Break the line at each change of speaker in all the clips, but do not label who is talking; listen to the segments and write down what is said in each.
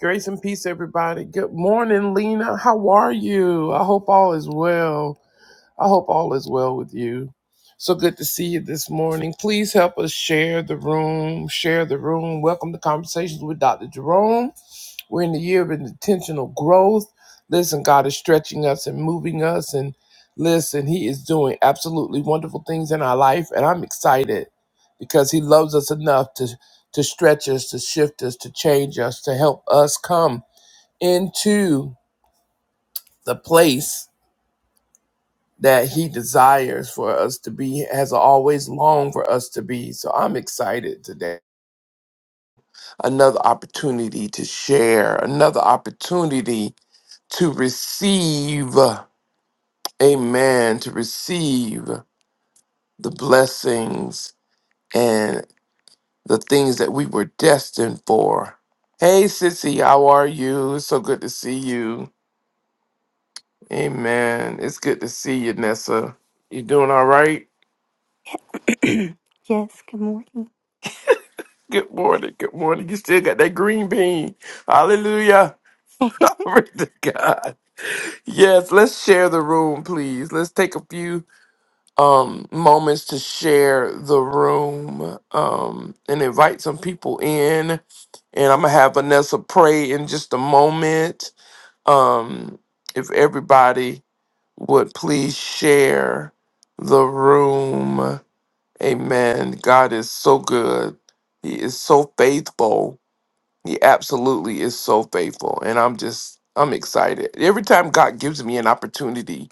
Grace and peace, everybody. Good morning, Lena. How are you? I hope all is well. I hope all is well with you. So good to see you this morning. Please help us share the room. Share the room. Welcome to Conversations with Dr. Jerome. We're in the year of intentional growth. Listen, God is stretching us and moving us. And listen, He is doing absolutely wonderful things in our life. And I'm excited because He loves us enough to, to stretch us, to shift us, to change us, to help us come into the place that he desires for us to be, has always longed for us to be. So I'm excited today. Another opportunity to share, another opportunity to receive, amen, to receive the blessings and the things that we were destined for. Hey, Sissy, how are you? It's so good to see you. Amen. It's good to see you, Nessa. You doing all right?
Yes, good morning.
Good morning. Good morning. You still got that green bean. Hallelujah. Glory to God. Yes, let's share the room, please. Let's take a few um moments to share the room um and invite some people in. And I'm gonna have Vanessa pray in just a moment. Um, if everybody would please share the room. Amen. God is so good. He is so faithful. He absolutely is so faithful. And I'm just, I'm excited. Every time God gives me an opportunity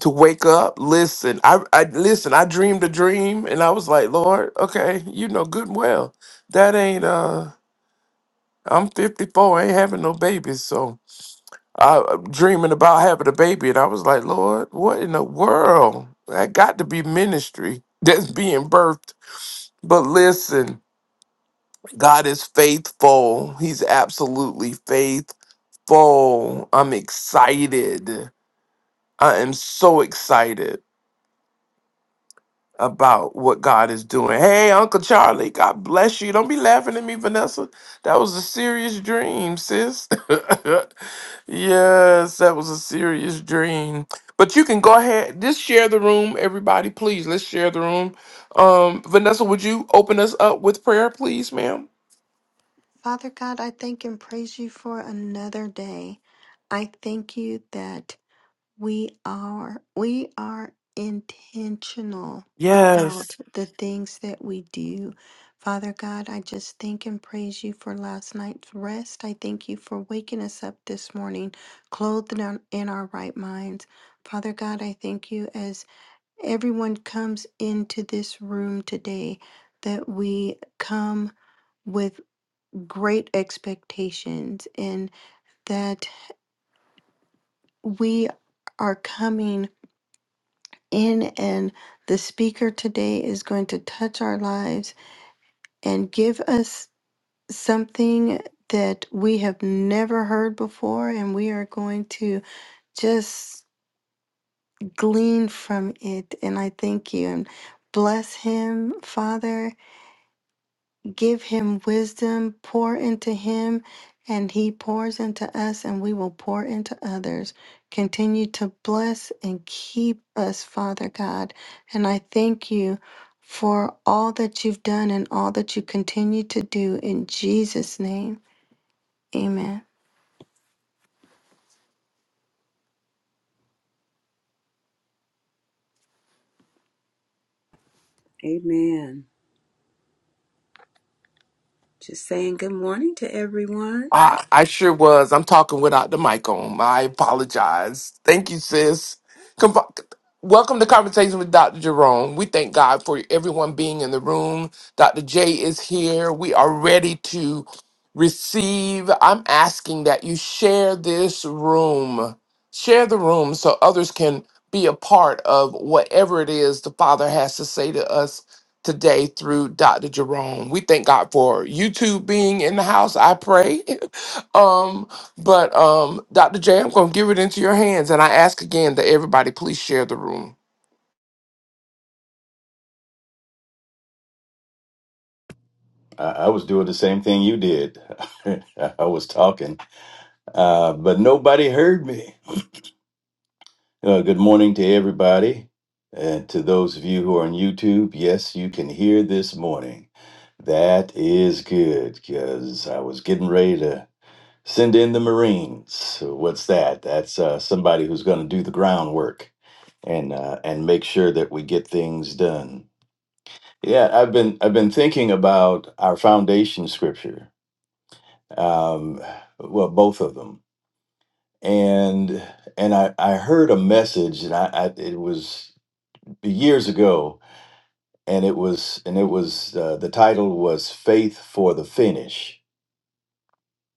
to wake up, listen, I, I listen, I dreamed a dream and I was like, Lord, okay, you know good and well. That ain't uh I'm 54, I ain't having no babies. So I I'm dreaming about having a baby, and I was like, Lord, what in the world? That got to be ministry that's being birthed. But listen, God is faithful. He's absolutely faithful full. I'm excited. I am so excited about what God is doing. Hey, Uncle Charlie, God bless you. Don't be laughing at me, Vanessa. That was a serious dream, sis. yes, that was a serious dream. But you can go ahead, just share the room, everybody. Please, let's share the room. Um, Vanessa, would you open us up with prayer, please, ma'am?
Father God, I thank and praise you for another day. I thank you that we are we are intentional
Yes.
about the things that we do. Father God, I just thank and praise you for last night's rest. I thank you for waking us up this morning, clothed in our, in our right minds. Father God, I thank you as everyone comes into this room today that we come with great expectations and that we are coming in and the speaker today is going to touch our lives and give us something that we have never heard before and we are going to just glean from it and I thank you and bless him father Give him wisdom, pour into him, and he pours into us, and we will pour into others. Continue to bless and keep us, Father God. And I thank you for all that you've done and all that you continue to do in Jesus' name. Amen.
Amen. Just saying good morning to everyone.
I I sure was. I'm talking without the mic on. I apologize. Thank you, sis. Come, welcome to Conversation with Dr. Jerome. We thank God for everyone being in the room. Dr. J is here. We are ready to receive. I'm asking that you share this room. Share the room so others can be a part of whatever it is the Father has to say to us today through Dr. Jerome. We thank God for YouTube being in the house, I pray. Um, but um, Dr. J, I'm gonna give it into your hands, and I ask again that everybody please share the room.
I, I was doing the same thing you did. I was talking, uh, but nobody heard me. Uh, good morning to everybody. And to those of you who are on YouTube, yes, you can hear this morning. That is good because I was getting ready to send in the Marines. So what's that? That's uh, somebody who's going to do the groundwork and uh, and make sure that we get things done. Yeah, I've been I've been thinking about our foundation scripture um, well, both of them. And and I, I heard a message, and I, I it was years ago, and it was and it was uh, the title was "Faith for the Finish."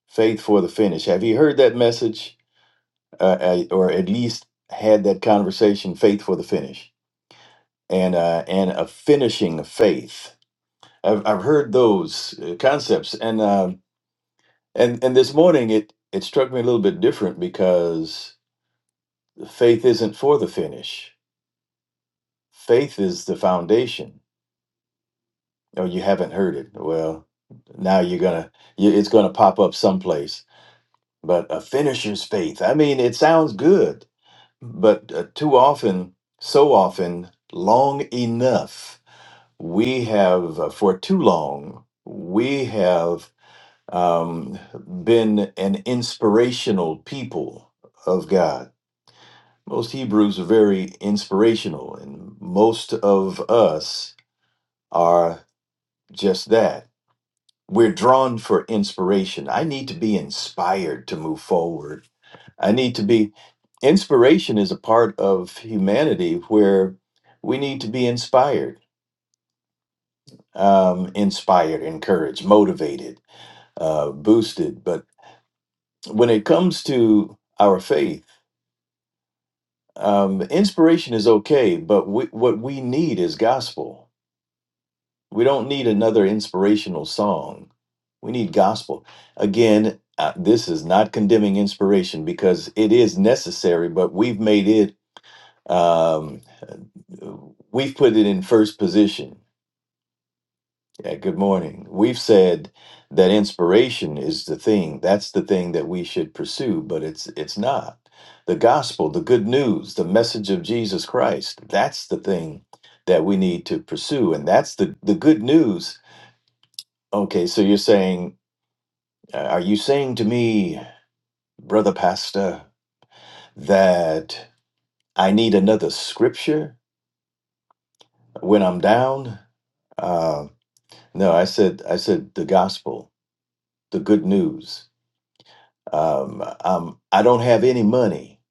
Faith for the finish. Have you heard that message, uh, I- or at least had that conversation? Faith for the finish, and uh, and a finishing of faith. I've, I've heard those uh, concepts, and uh, and and this morning it it struck me a little bit different because faith isn't for the finish. Faith is the foundation. Oh, you haven't heard it. Well, now you're gonna you, it's gonna pop up someplace. But a finisher's faith. I mean, it sounds good, but uh, too often, so often, long enough, we have uh, for too long we have um, been an inspirational people of God Most Hebrews are very inspirational, and most of us are just that. We're drawn for inspiration. I need to be inspired to move forward. I need to be, inspiration is a part of humanity where we need to be inspired, um, inspired, encouraged, motivated, uh, boosted. But when it comes to our faith, um, inspiration is okay, but we, what we need is gospel We don't need another inspirational song. We need gospel. Again, uh, this is not condemning inspiration because it is necessary, but we've made it, um, we've put it in first position. Yeah, good morning. We've said that inspiration is the thing. That's the thing that we should pursue, but it's it's not. The gospel, the good news, the message of Jesus Christ, that's the thing that we need to pursue. And that's the, the good news Okay, so you're saying, uh, are you saying to me, brother pastor, that I need another scripture when I'm down? Uh, no, I said, I said the gospel, the good news. Um, um, I don't have any money.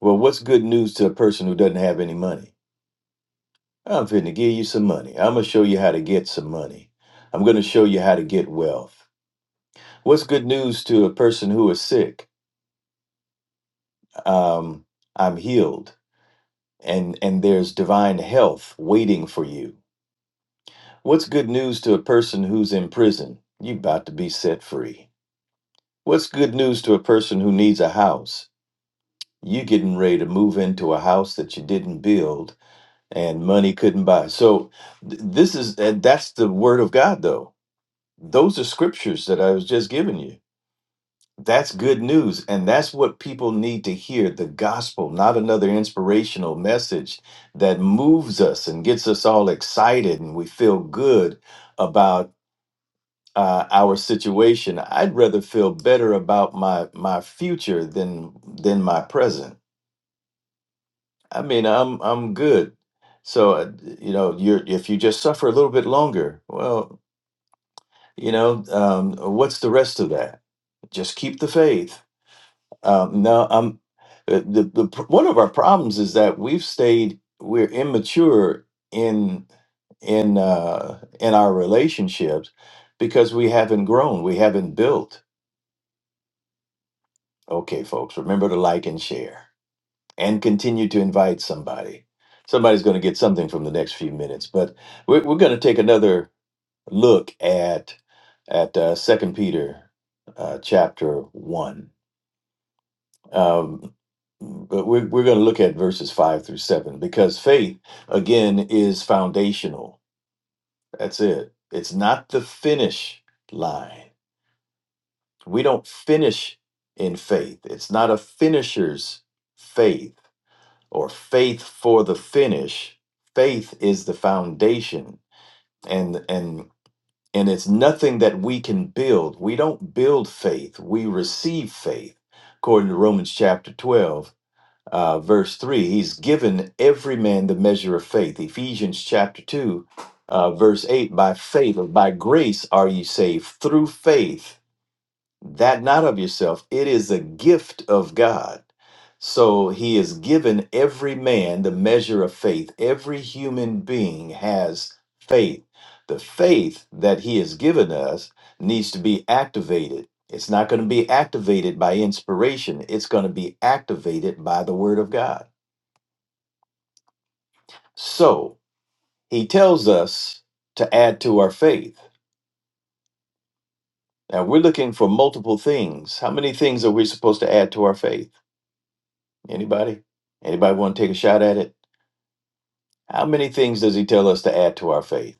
Well, what's good news to a person who doesn't have any money? I'm finna give you some money. I'm gonna show you how to get some money. I'm gonna show you how to get wealth. What's good news to a person who is sick? Um, I'm healed. and and there's divine health waiting for you. What's good news to a person who's in prison? You about to be set free. What's good news to a person who needs a house? You getting ready to move into a house that you didn't build and money couldn't buy. So th- this is and that's the word of God though. Those are scriptures that I was just giving you That's good news. And that's what people need to hear the gospel, not another inspirational message that moves us and gets us all excited and we feel good about uh, our situation. I'd rather feel better about my, my future than, than my present. I mean, I'm, I'm good. So, uh, you know, you're, if you just suffer a little bit longer, well, you know, um, what's the rest of that? Just keep the faith Um, no, I'm uh, the, the pr- one of our problems is that we've stayed we're immature in in uh, in our relationships because we haven't grown, we haven't built. Okay, folks, remember to like and share and continue to invite somebody. Somebody's going to get something from the next few minutes, but we're, we're going to take another look at at uh, Second Peter uh, chapter one. Um, but we're, we're going to look at verses five through seven because faith, again, is foundational. That's it. It's not the finish line. We don't finish in faith, it's not a finisher's faith or faith for the finish. Faith is the foundation and, and, and it's nothing that we can build. We don't build faith. We receive faith, according to Romans chapter 12 uh, verse 3 he's given every man the measure of faith ephesians chapter 2 uh, verse 8 by faith or by grace are ye saved through faith that not of yourself. It is a gift of God. So he has given every man the measure of faith. Every human being has faith. The faith that he has given us needs to be activated. It's not going to be activated by inspiration, it's going to be activated by the word of God. So he tells us to add to our faith. Now we're looking for multiple things. How many things are we supposed to add to our faith? Anybody? Anybody want to take a shot at it? How many things does he tell us to add to our faith?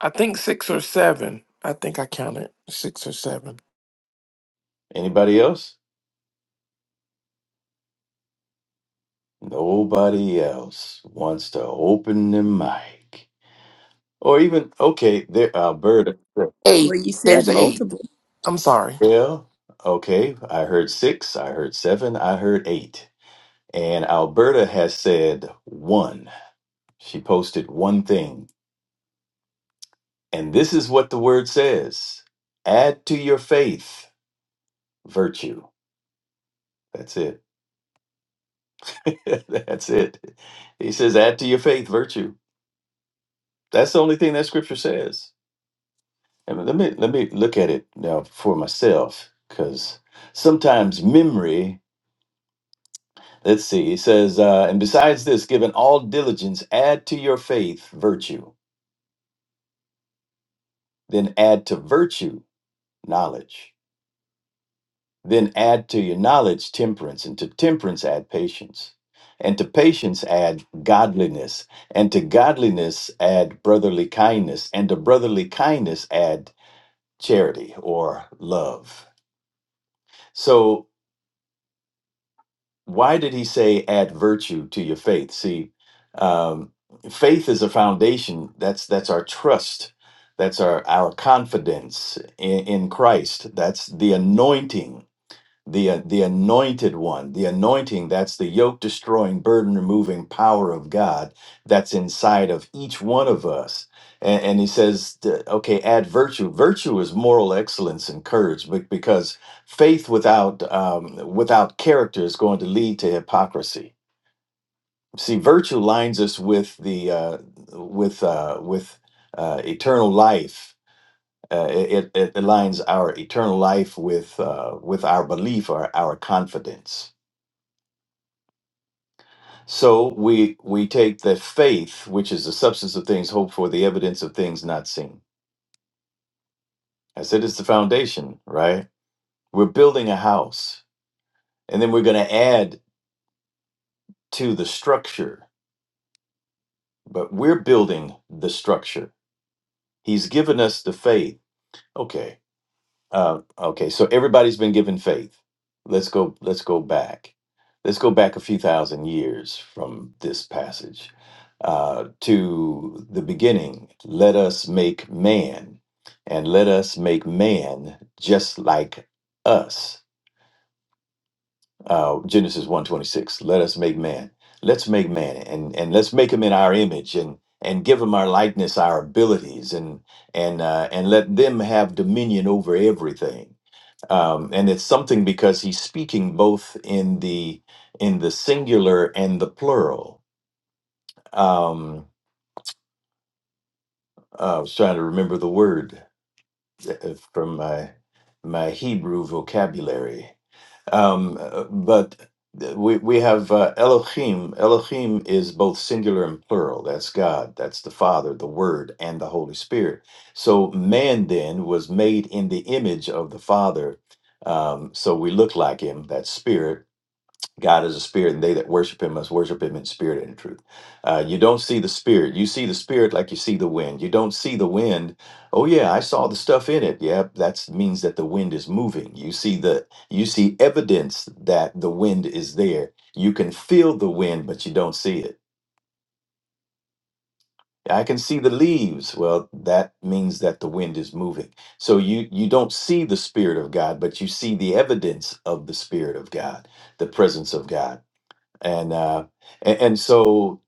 I think six or seven. I think I counted six or seven.
Anybody else? Nobody else wants to open the mic. Or even, okay, there, Alberta.
Well,
Eight.
you said
There's eight.
multiple.
I'm sorry.
Well, okay, I heard six, I heard seven, I heard eight. And Alberta has said one. She posted one thing. And this is what the word says add to your faith virtue. That's it. that's it. He says, add to your faith virtue. That's the only thing that scripture says. And let me let me look at it now for myself, because sometimes memory. Let's see. He says, uh, and besides this, given all diligence, add to your faith virtue. Then add to virtue knowledge. Then add to your knowledge temperance, and to temperance add patience, and to patience add godliness, and to godliness add brotherly kindness, and to brotherly kindness add charity or love. So, why did he say add virtue to your faith? See, um, faith is a foundation. That's that's our trust. That's our our confidence in, in Christ. That's the anointing the uh, the anointed one the anointing that's the yoke destroying burden removing power of god that's inside of each one of us and, and he says that, okay add virtue virtue is moral excellence and courage be- because faith without um, without character is going to lead to hypocrisy see virtue lines us with the uh, with uh, with uh, eternal life uh, it, it aligns our eternal life with uh, with our belief or our confidence. So we we take the faith, which is the substance of things hoped for, the evidence of things not seen. I said it's the foundation, right? We're building a house, and then we're going to add to the structure. But we're building the structure. He's given us the faith. Okay, Uh, okay, so everybody's been given faith. Let's go. Let's go back. Let's go back a few thousand years from this passage uh, to the beginning. Let us make man, and let us make man just like us. Uh, Genesis one twenty six. Let us make man. Let's make man, and and let's make him in our image, and and give him our likeness, our abilities, and and uh, and let them have dominion over everything um, and it's something because he's speaking both in the in the singular and the plural. Um, I was trying to remember the word uh, from my my Hebrew vocabulary, um, uh, but uh, we we have uh, Elohim. Elohim is both singular and plural. That's God. That's the Father, the Word, and the Holy Spirit. So man then was made in the image of the Father. Um, so we look like him. That's spirit God is a spirit, and they that worship him must worship him in spirit and in truth. Uh, you don't see the spirit. You see the spirit like you see the wind. You don't see the wind. Oh yeah, I saw the stuff in it. Yep, that means that the wind is moving. You see the you see evidence that the wind is there. You can feel the wind, but you don't see it. I can see the leaves. Well, that means that the wind is moving. So you you don't see the spirit of God, but you see the evidence of the spirit of God, the presence of God and uh, and, and so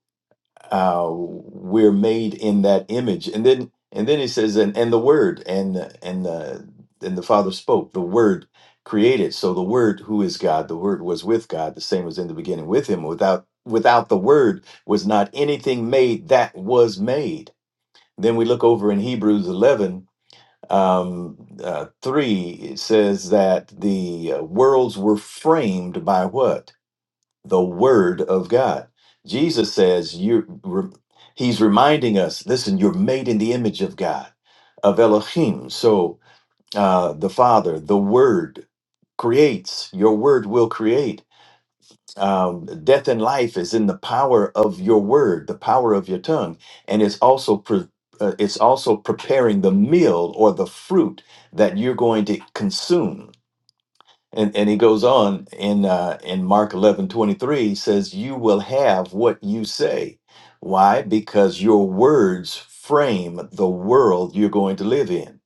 uh, we're made in that image and then and then he says and, and the word and and uh, and the father spoke the word created so the word who is god the word was with god the same was in the beginning with him without without the word was not anything made that was made then we look over in hebrews 11 um, uh, 3 it says that the uh, worlds were framed by what the word of God. Jesus says you he's reminding us, listen, you're made in the image of God, of Elohim. So uh, the Father, the Word creates. Your word will create. Um, death and life is in the power of your word, the power of your tongue, and it's also pre- uh, it's also preparing the meal or the fruit that you're going to consume. And and he goes on in uh, in Mark eleven twenty three he says, "You will have what you say." Why? Because your words frame the world you're going to live in.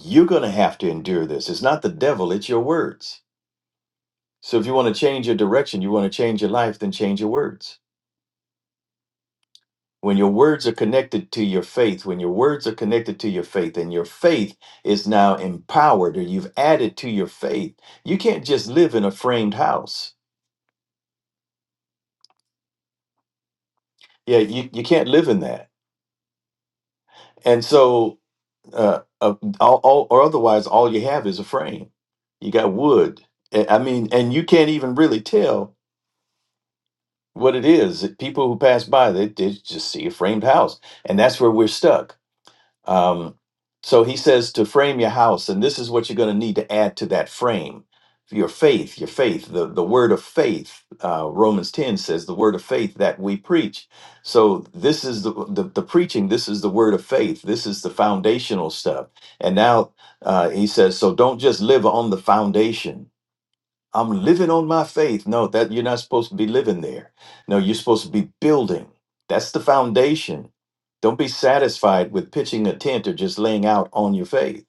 You're going to have to endure this. It's not the devil; it's your words. So if you want to change your direction, you want to change your life, then change your words. When your words are connected to your faith, when your words are connected to your faith, and your faith is now empowered, or you've added to your faith, you can't just live in a framed house Yeah, you, you can't live in that. And so, uh, uh, all, all, or otherwise, all you have is a frame. You got wood. I I mean, and you can't even really tell what it is. People who pass by, they, they just see a framed house. And that's where we're stuck. Um, so he says to frame your house, and this is what you're going to need to add to that frame your faith, your faith, the, the word of faith. Uh, Romans 10 says the word of faith that we preach. So this is the, the, the preaching, this is the word of faith, this is the foundational stuff. And now uh, he says, so don't just live on the foundation I'm living on my faith. No, that you're not supposed to be living there. No, you're supposed to be building. That's the foundation. Don't be satisfied with pitching a tent or just laying out on your faith.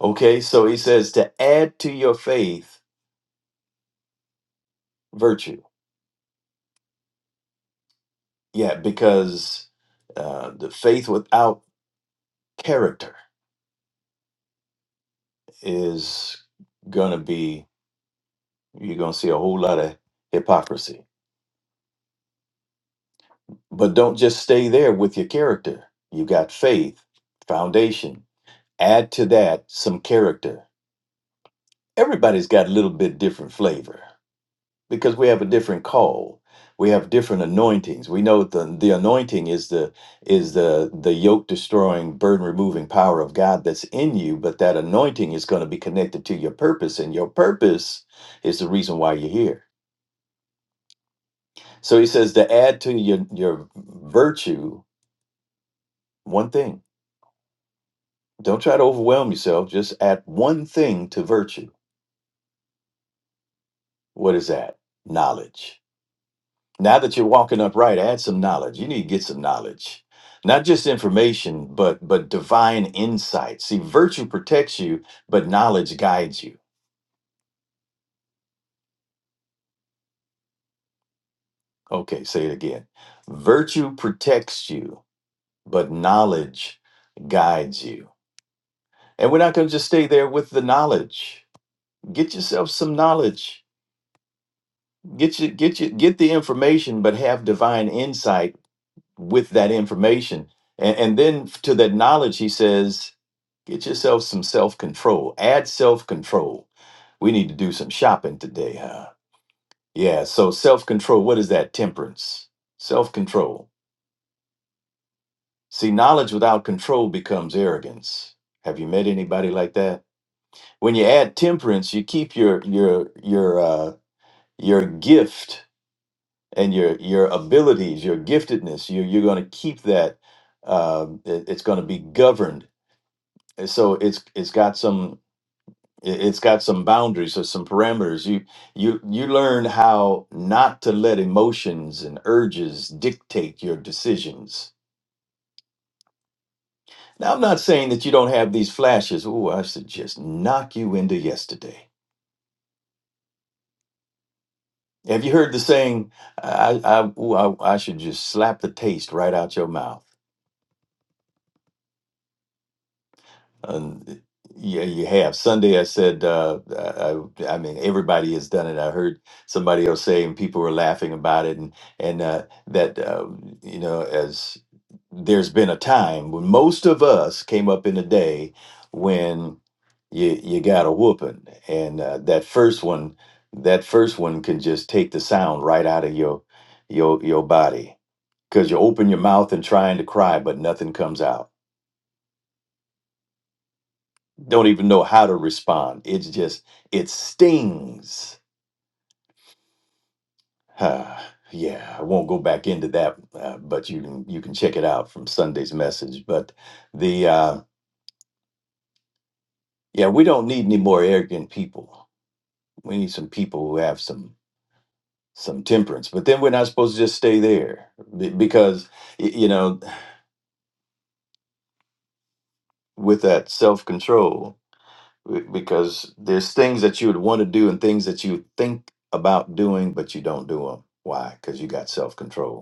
Okay, so he says to add to your faith virtue. Yeah, because uh, the faith without character is going to be, you're going to see a whole lot of hypocrisy. But don't just stay there with your character. You got faith, foundation. Add to that some character. Everybody's got a little bit different flavor because we have a different call. We have different anointings. We know the the anointing is the is the the yoke destroying, burden removing power of God that's in you, but that anointing is going to be connected to your purpose and your purpose is the reason why you're here. So he says to add to your your virtue one thing. Don't try to overwhelm yourself, just add one thing to virtue. What is that? Knowledge Now that you're walking upright, add some knowledge. You need to get some knowledge. Not just information, but but divine insight. See, virtue protects you, but knowledge guides you. Okay, say it again. Virtue protects you, but knowledge guides you. And we're not going to just stay there with the knowledge. Get yourself some knowledge. Get you get you get the information, but have divine insight with that information. And, and then to that knowledge, he says, Get yourself some self control. Add self control. We need to do some shopping today, huh? Yeah, so self control, what is that? Temperance. Self control. See, knowledge without control becomes arrogance. Have you met anybody like that? When you add temperance, you keep your your your uh your gift and your your abilities, your giftedness. You you're going to keep that um it- it's going to be governed. And so it's it's got some It- It's got some boundaries or some parameters. You you you learn how not to let emotions and urges dictate your decisions. Now, I'm not saying that you don't have these flashes. Oh, I should just knock you into yesterday. Have you heard the saying? I I, ooh, I I should just slap the taste right out your mouth. And yeah, you have. Sunday, I said, uh, I, I I mean, everybody has done it. I heard somebody else saying people were laughing about it, and and uh, that uh, you know, as there's been a time when most of us came up in a day when you you got a whooping, and uh, that first one, that first one can just take the sound right out of your your your body because you open your mouth and trying to cry, but nothing comes out don't even know how to respond. It's just, it stings. Ah, yeah, I won't go back into that, uh, but you can you can check it out from Sunday's message. But the uh, yeah, we don't need any more arrogant people. We need some people who have some some temperance. But then we're not supposed to just stay there be- because y- you know with that self control, because there's things that you would want to do and things that you think about doing, but you don't do them. Why? Because you got self control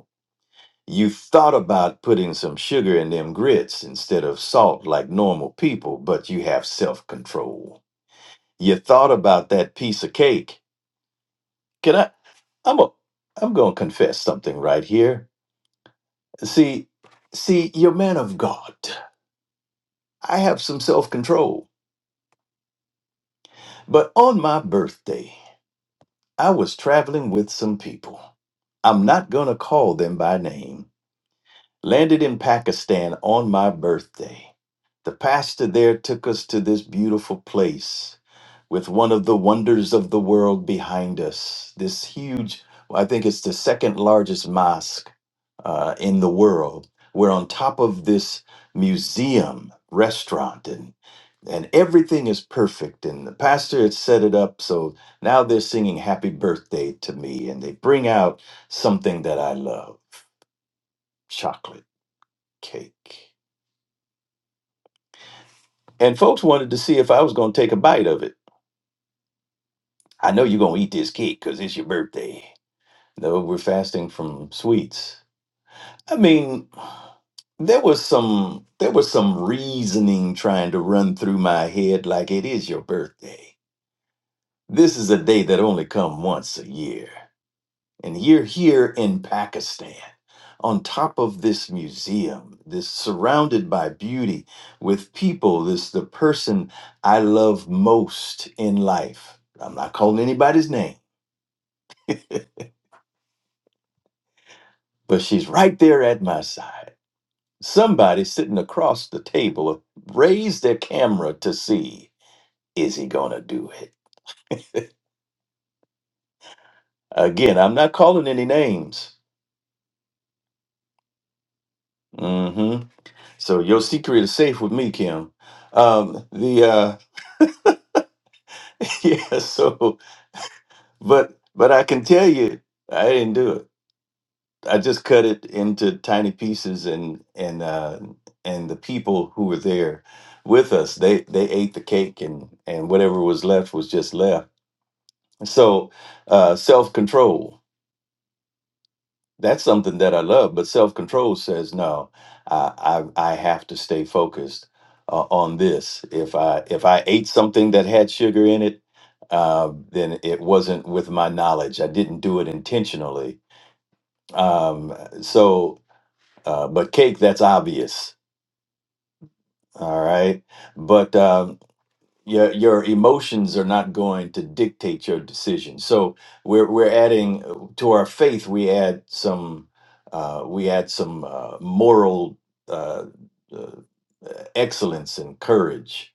You thought about putting some sugar in them grits instead of salt like normal people, but you have self control. You thought about that piece of cake. Can I? I'm a, I'm gonna confess something right here. See, see, you're man of God. I have some self control. But on my birthday, I was traveling with some people. I'm not gonna call them by name Landed in Pakistan on my birthday. The pastor there took us to this beautiful place with one of the wonders of the world behind us. This huge, well, I think it's the second largest mosque uh, in the world. We're on top of this museum restaurant and and everything is perfect. And the pastor had set it up so now they're singing happy birthday to me and they bring out something that I love, chocolate cake. And folks wanted to see if I was going to take a bite of it. I know you're going to eat this cake because it's your birthday. No, we're fasting from sweets. I mean, there was some there was some reasoning trying to run through my head like it is your birthday. This is a day that only come once a year. And you're here in Pakistan, on top of this museum, this surrounded by beauty, with people, this the person I love most in life. I'm not calling anybody's name, but she's right there at my side. Somebody sitting across the table raised their camera to see is he gonna do it? Again, I'm not calling any names. hmm So your secret is safe with me, Kim. Um, the uh, yeah, so. But but I can tell you, I didn't do it. I just cut it into tiny pieces, and and uh, and the people who were there with us, they they ate the cake, and and whatever was left was just left. So uh, self control. That's something that I love, but self control says no. I, I I have to stay focused uh, on this. If I if I ate something that had sugar in it, uh, then it wasn't with my knowledge. I didn't do it intentionally Um, so, uh, but cake, that's obvious. All right. But um, your, your emotions are not going to dictate your decision. So we're, we're adding uh, to our faith, we add some, uh, we add some uh, moral uh, uh, excellence and courage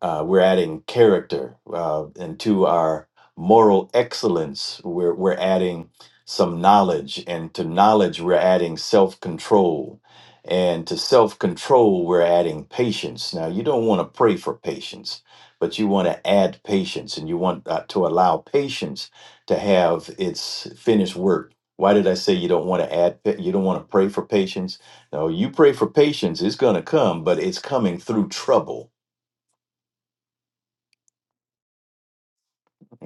uh, we're adding character uh, and to our moral excellence. We're, we're adding some knowledge, and to knowledge, we're adding self control. And to self control, we're adding patience. Now, you don't want to pray for patience, but you want to add patience and you want uh, to allow patience to have its finished work. Why did I say you don't want to add, pa- you don't want to pray for patience? No, you pray for patience, it's going to come, but it's coming through trouble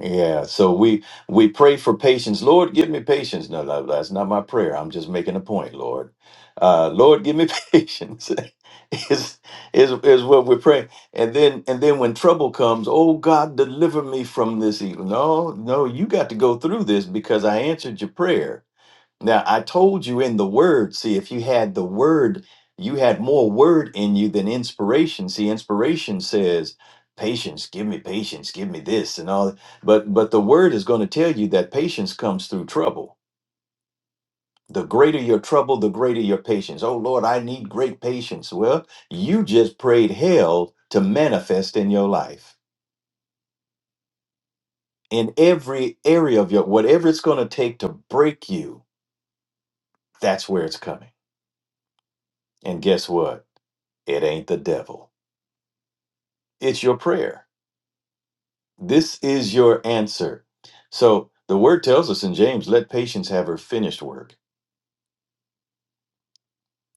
Yeah, so we we pray for patience. Lord, give me patience. No, no, that's not my prayer. I'm just making a point, Lord. Uh, Lord, give me patience. is is is what we're praying. And then and then when trouble comes, oh God, deliver me from this evil. No, no, you got to go through this because I answered your prayer. Now, I told you in the word, see, if you had the word, you had more word in you than inspiration. See, inspiration says, patience, give me patience, give me this and all. that. But but the word is going to tell you that patience comes through trouble. The greater your trouble, the greater your patience. Oh Lord, I need great patience. Well, you just prayed hell to manifest in your life. In every area of your whatever it's going to take to break you, that's where it's coming. And guess what? It ain't the devil It's your prayer. This is your answer. So the word tells us in James, let patience have her finished work.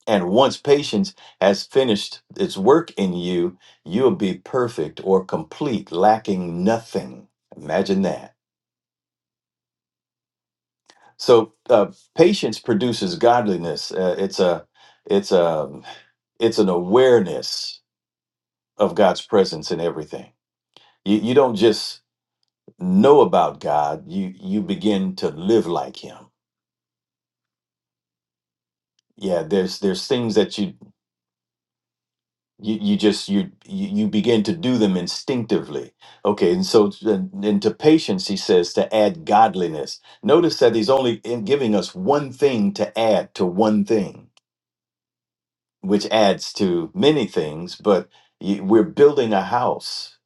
And once patience has finished its work in you, you'll be perfect or complete, lacking nothing. Imagine that. So uh, patience produces godliness. Uh, it's a, it's a, it's an awareness of God's presence in everything. You, you don't just know about God. You you begin to live like Him yeah there's there's things that you you, you just you you you begin to do them instinctively okay and so then then to patience he says to add godliness notice that he's only in giving us one thing to add to one thing which adds to many things but y- we're building a house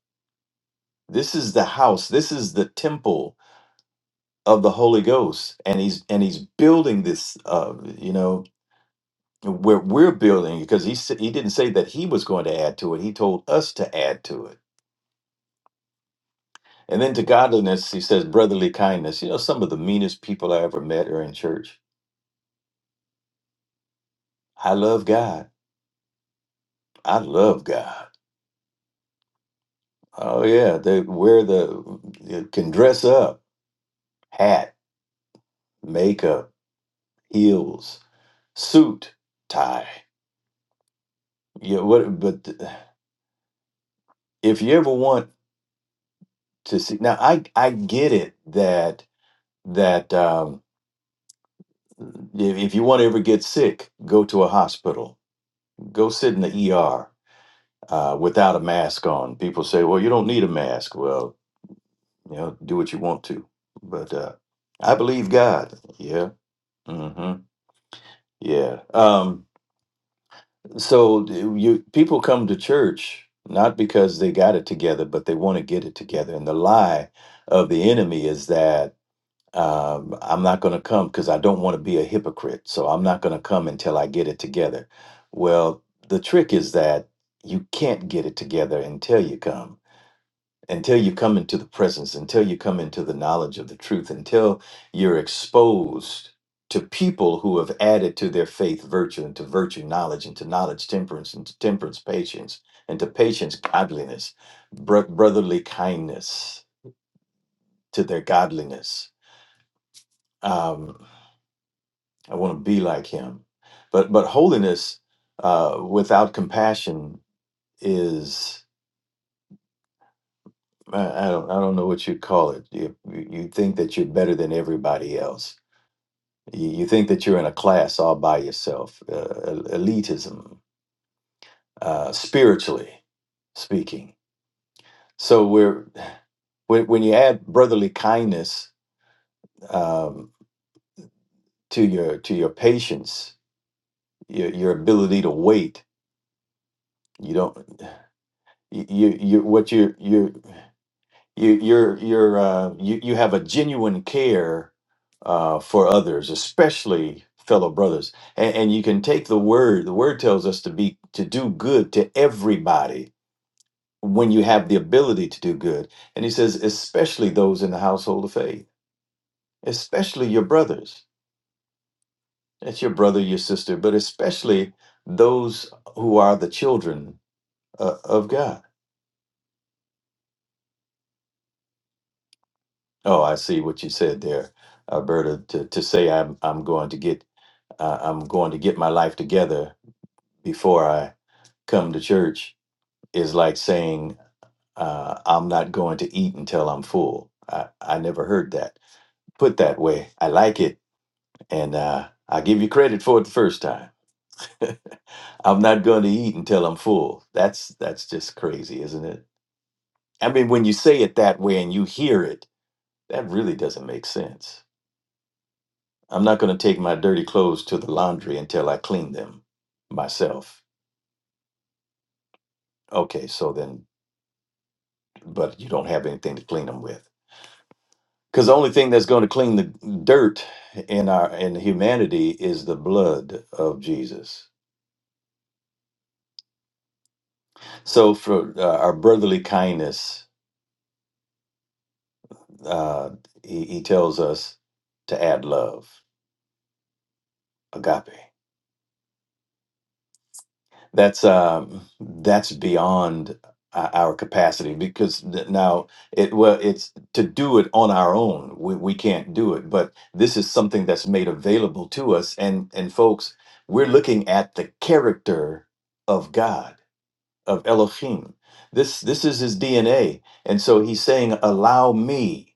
this is the house this is the temple of the holy ghost and he's and he's building this uh you know we're we're building it, because he sa- he didn't say that he was going to add to it. He told us to add to it. And then to godliness, he says brotherly kindness. You know, some of the meanest people I ever met are in church. I love God. I love God. Oh yeah, they wear the they can dress up, hat, makeup, heels, suit, tie. Yeah, what? But if you ever want to see, now I I get it that that. um If, if you want to ever get sick, go to a hospital. Go sit in the ER uh, without a mask on. People say, well, you don't need a mask. Well, you know, do what you want to. But uh, I believe God. Yeah. hmm Yeah. Um, so you people come to church not because they got it together, but they want to get it together. And the lie of the enemy is that um, I'm not going to come because I don't want to be a hypocrite. So I'm not going to come until I get it together. Well, the trick is that you can't get it together until you come, until you come into the presence, until you come into the knowledge of the truth, until you're exposed to people who have added to their faith virtue, and to virtue knowledge, and to knowledge temperance, and to temperance patience, and to patience godliness, bro- brotherly kindness to their godliness. Um, I want to be like him. But but holiness uh, without compassion is I, I don't I don't know what you'd call it. You you you think that you're better than everybody else. You, you think that you're in a class all by yourself. Uh, el- elitism, uh, spiritually speaking. So we're when when you add brotherly kindness um, to your to your patience, your, your ability to wait. You don't you you you- what you you you you're you're uh, you you have a genuine care uh, for others, especially fellow brothers, and, and you can take the word. The word tells us to be to do good to everybody when you have the ability to do good, and he says especially those in the household of faith, especially your brothers. That's your brother, your sister, but especially those who are the children uh, of God. Oh, I see what you said there, Alberta. To, to say I'm I'm going to get uh, I'm going to get my life together before I come to church is like saying, uh, I'm not going to eat until I'm full. I, I never heard that put that way. I like it. And uh, I give you credit for it the first time. I'm not going to eat until I'm full. That's that's just crazy, isn't it? I mean, when you say it that way and you hear it, that really doesn't make sense. I'm not going to take my dirty clothes to the laundry until I clean them myself. Okay, so then but you don't have anything to clean them with. Because the only thing that's going to clean the dirt in our in humanity is the blood of Jesus. So for uh, our brotherly kindness, uh, he, he tells us to add love, agape. that's um that's beyond uh, our capacity because th- now it well it's to do it on our own we, we can't do it but this is something that's made available to us and and folks we're looking at the character of god of elohim this this is his dna and so he's saying allow me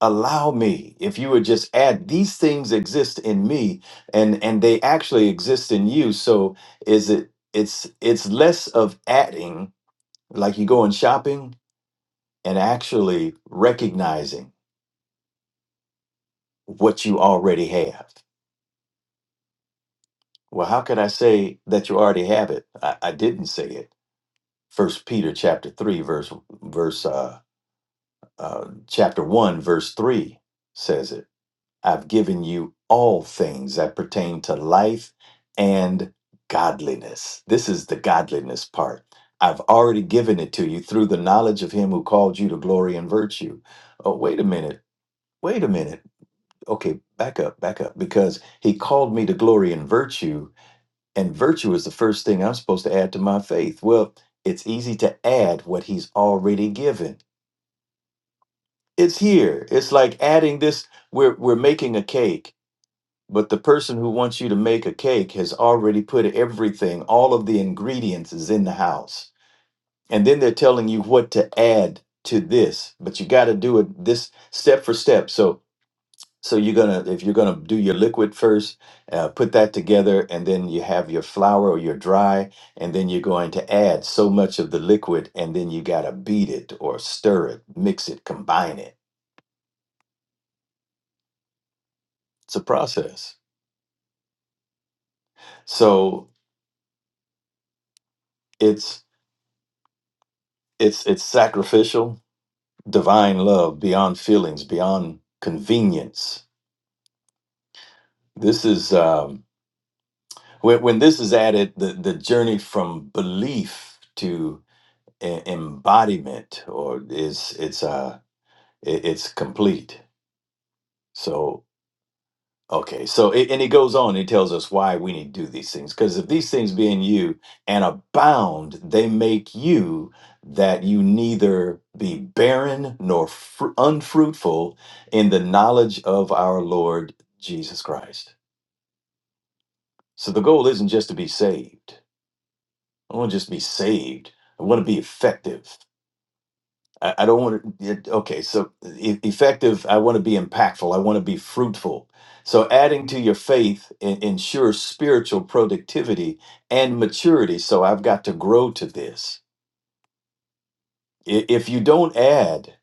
allow me if you would just add these things exist in me and and they actually exist in you so is it it's it's less of adding like you going shopping and actually recognizing what you already have well how could i say that you already have it i, I didn't say it first peter chapter 3 verse verse uh, uh chapter 1 verse 3 says it I've given you all things that pertain to life and godliness. This is the godliness part. I've already given it to you through the knowledge of him who called you to glory and virtue. Oh, wait a minute. Wait a minute. Okay, back up, back up. Because he called me to glory and virtue, and virtue is the first thing I'm supposed to add to my faith. Well, it's easy to add what he's already given. It's here. It's like adding this. We're, we're making a cake But the person who wants you to make a cake has already put everything, all of the ingredients is in the house. And then they're telling you what to add to this, but you got to do it this step for step. So so you're going to if you're going to do your liquid first, uh, put that together and then you have your flour or your dry and then you're going to add so much of the liquid and then you got to beat it or stir it, mix it, combine it. It's a process. So it's it's it's sacrificial divine love beyond feelings beyond convenience this is um, when, when this is added the, the journey from belief to e- embodiment or is it's uh i- it's complete so Okay, so it, and it goes on. It tells us why we need to do these things. Because if these things be in you and abound, they make you that you neither be barren nor fr- unfruitful in the knowledge of our Lord Jesus Christ. So the goal isn't just to be saved. I want to just be saved. I want to be effective. I, I don't want to. Okay, so e- effective. I want to be impactful. I want to be fruitful. So adding to your faith en- ensures spiritual productivity and maturity. So I've got to grow to this. I- If you don't add,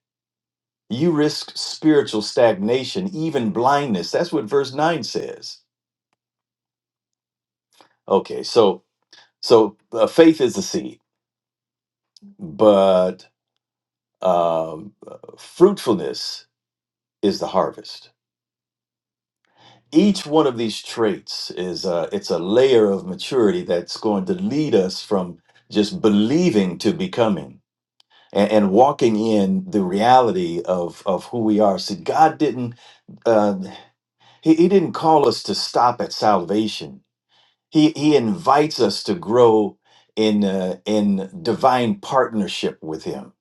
you risk spiritual stagnation, even blindness. That's what verse nine says. Okay, so so uh, faith is the seed, but um, uh, fruitfulness is the harvest. each one of these traits is a, it's a layer of maturity that's going to lead us from just believing to becoming and, and walking in the reality of of who we are see god didn't uh, he, he didn't call us to stop at salvation he he invites us to grow in uh, in divine partnership with him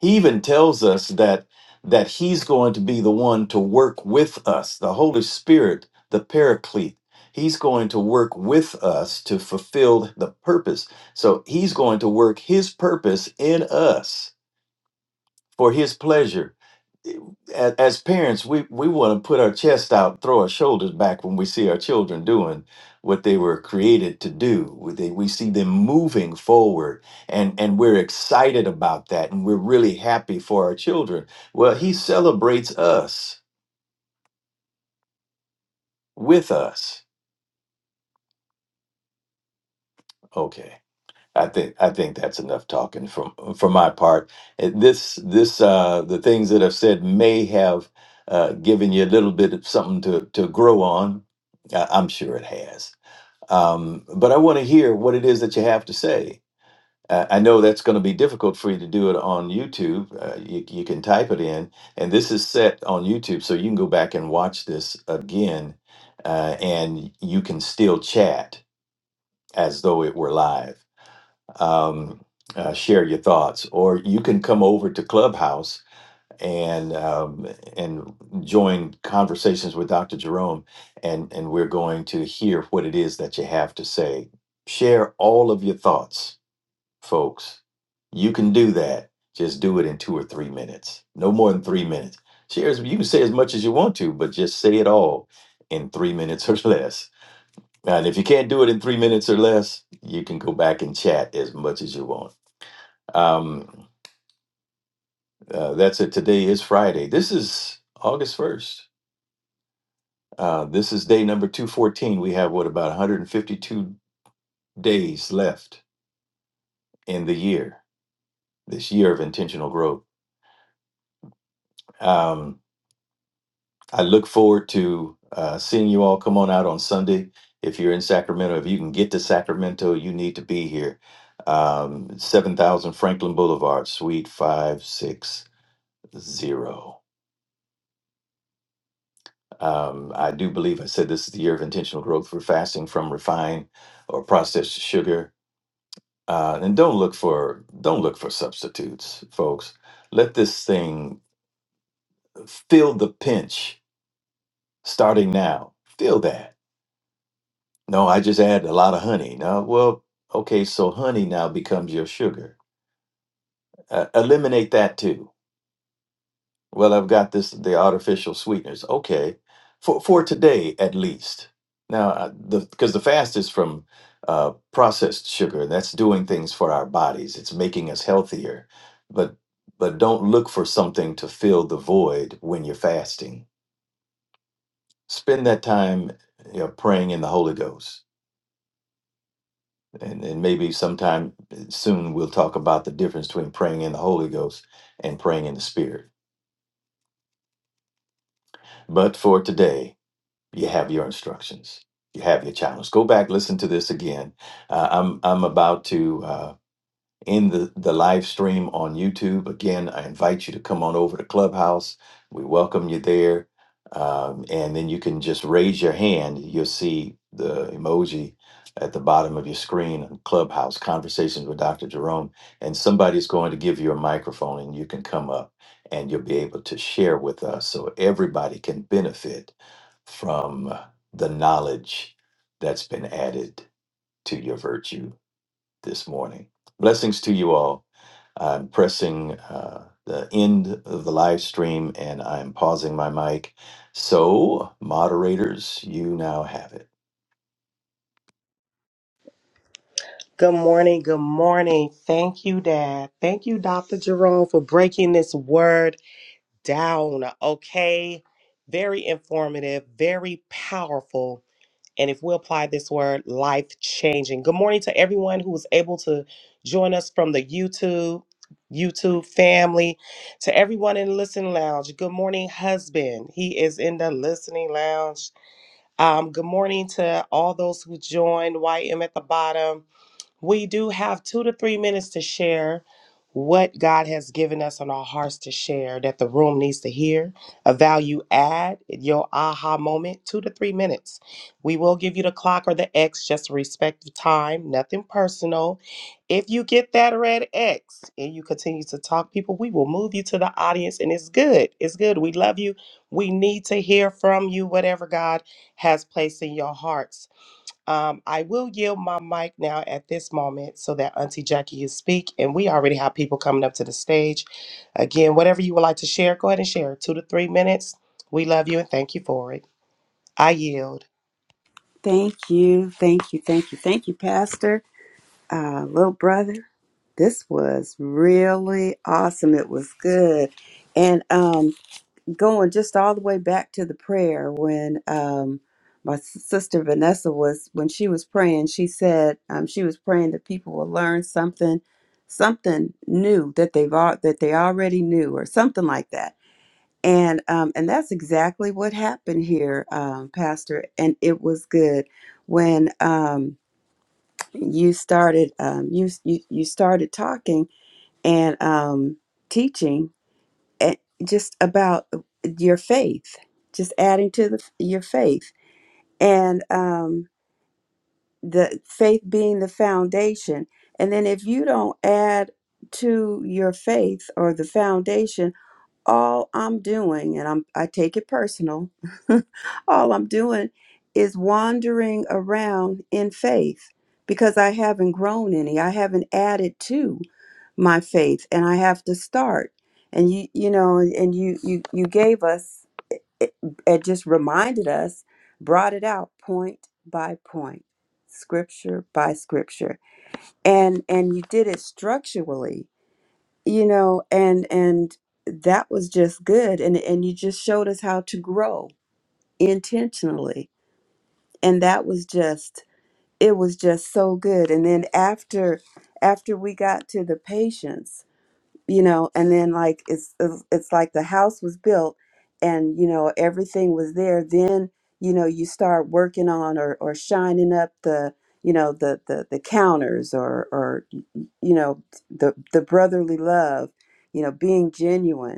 He even tells us that that he's going to be the one to work with us, the Holy Spirit, the Paraclete. He's going to work with us to fulfill the purpose. So he's going to work his purpose in us for his pleasure as, as parents, we, we want to put our chest out, throw our shoulders back when we see our children doing what they were created to do. We- They, we see them moving forward, and, and we're excited about that, and we're really happy for our children. Well, he celebrates us with us. Okay. I think I think that's enough talking from for my part. Uh, This this uh, the things that I've said may have uh, given you a little bit of something to to grow on. I, I'm sure it has. Um, but I want to hear what it is that you have to say. Uh, I know that's going to be difficult for you to do it on YouTube. Uh, you you can type it in, and this is set on YouTube, so you can go back and watch this again, uh, and you can still chat as though it were live um, uh, share your thoughts, or you can come over to Clubhouse and um, and join conversations with Dr. Jerome, and and we're going to hear what it is that you have to say. Share all of your thoughts, folks. You can do that. Just do it in two or three minutes, no more than three minutes. Share as, you can say as much as you want to, but just say it all in three minutes or less. And if you can't do it in three minutes or less, you can go back and chat as much as you want. Um, uh, that's it. Today is Friday. This is August 1st. Uh, this is day number 214. We have what about 152 days left in the year, this year of intentional growth. Um, I look forward to uh, seeing you all come on out on Sunday. If you're in Sacramento, if you can get to Sacramento, you need to be here. Um, 7000 Franklin Boulevard, Suite 560. Um, I do believe I said this is the year of intentional growth for fasting from refined or processed sugar. Uh, and don't look for don't look for substitutes, folks. Let this thing feel the pinch starting now. Feel that. No, I just add a lot of honey. No, well, okay, so honey now becomes your sugar. Uh, eliminate that too Well, I've got this the artificial sweeteners. Okay, for for today at least. Now, uh, the because the fast is from uh, processed sugar, and that's doing things for our bodies. It's making us healthier, but but don't look for something to fill the void when you're fasting. Spend that time you know, praying in the Holy Ghost, and and maybe sometime uh, soon we'll talk about the difference between praying in the Holy Ghost and praying in the Spirit. But for today. you have your instructions you have your challenge go back listen to this again uh, i'm i'm about to Uh, in the, the live stream on YouTube. Again, I invite you to come on over to Clubhouse. We welcome you there. Um, and then you can just raise your hand. You'll see the emoji at the bottom of your screen on Clubhouse Conversations with Dr. Jerome. And somebody's going to give you a microphone and you can come up and you'll be able to share with us so everybody can benefit from the knowledge that's been added to your virtue this morning. Blessings to you all. I'm pressing uh, the end of the live stream and I'm pausing my mic. So, moderators, you now have it.
Good morning. Good morning. Thank you, Dad. Thank you, Dr. Jerome, for breaking this word down. Okay. Very informative, very powerful. And if we apply this word, life changing. Good morning to everyone who was able to join us from the YouTube. YouTube family, to everyone in the listening lounge. Good morning, husband. He is in the listening lounge. Um, good morning to all those who joined. YM at the bottom. We do have two to three minutes to share what God has given us on our hearts to share that the room needs to hear, a value add, your aha moment, two to three minutes. We will give you the clock or the X, just respect the time, nothing personal. If you get that red X and you continue to talk, people, we will move you to the audience, and it's good. It's good. We love you. We need to hear from you, whatever God has placed in your hearts. Um, I will yield my mic now at this moment so that Auntie Jackie can speak. And we already have people coming up to the stage. Again, whatever you would like to share, go ahead and share. Two to three minutes. We love you and thank you for it. I yield.
Thank you. Thank you. Thank you. Thank you, Pastor. Uh, little brother, this was really awesome. It was good. And um, going just all the way back to the prayer when um, my s- sister Vanessa was, when she was praying, she said um, she was praying that people will learn something, something new that they've al- that they already knew or something like that and um, and that's exactly what happened here, um, Pastor. And it was good when um, you started um, you, you you started talking and um, teaching and just about uh, your faith, just adding to the, your faith and um, the faith being the foundation. And then if you don't add to your faith or the foundation all I'm doing, and I'm I take it personal, all I'm doing is wandering around in faith because I haven't grown any. I haven't added to my faith and I have to start. And you you know, and you you you gave us it, it just reminded us, brought it out point by point, scripture by scripture. And and you did it structurally you know and and that was just good and and you just showed us how to grow intentionally and that was just it was just so good and then after after we got to the patients you know and then like it's it's it's like the house was built and you know everything was there then you know you start working on or or shining up the you know the the, the counters or or you know the the brotherly love you know being genuine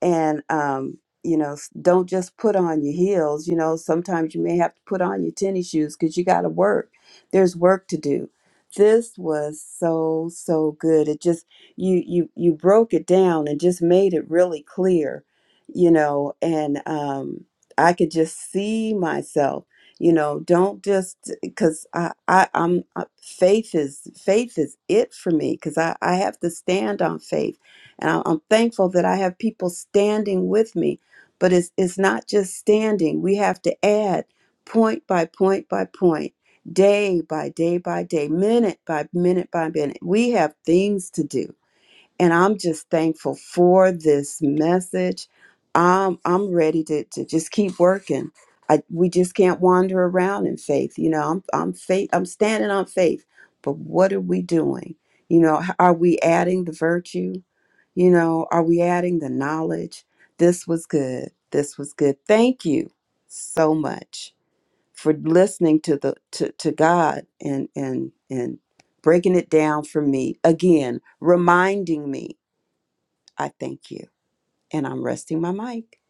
and um you know s- don't just put on your heels you know sometimes you may have to put on your tennis shoes because you got to work there's work to do this was so so good it just you you you broke it down and just made it really clear you know and um i could just see myself you know don't just because i i i'm uh, faith is faith is it for me because i i have to stand on faith and I- I'm thankful that I have people standing with me, but it's, it's not just standing. We have to add point by point by point, day by day by day, minute by minute by minute. We have things to do. And I'm just thankful for this message. I'm, I'm ready to, to just keep working. I, we just can't wander around in faith. You know, I'm, I'm faith, I'm standing on faith, but what are we doing? You know, h- are we adding the virtue? You know, are we adding the knowledge? This was good. This was good. Thank you so much for listening to the to, to God and and and breaking it down for me again, reminding me. I thank you. And I'm resting my mic.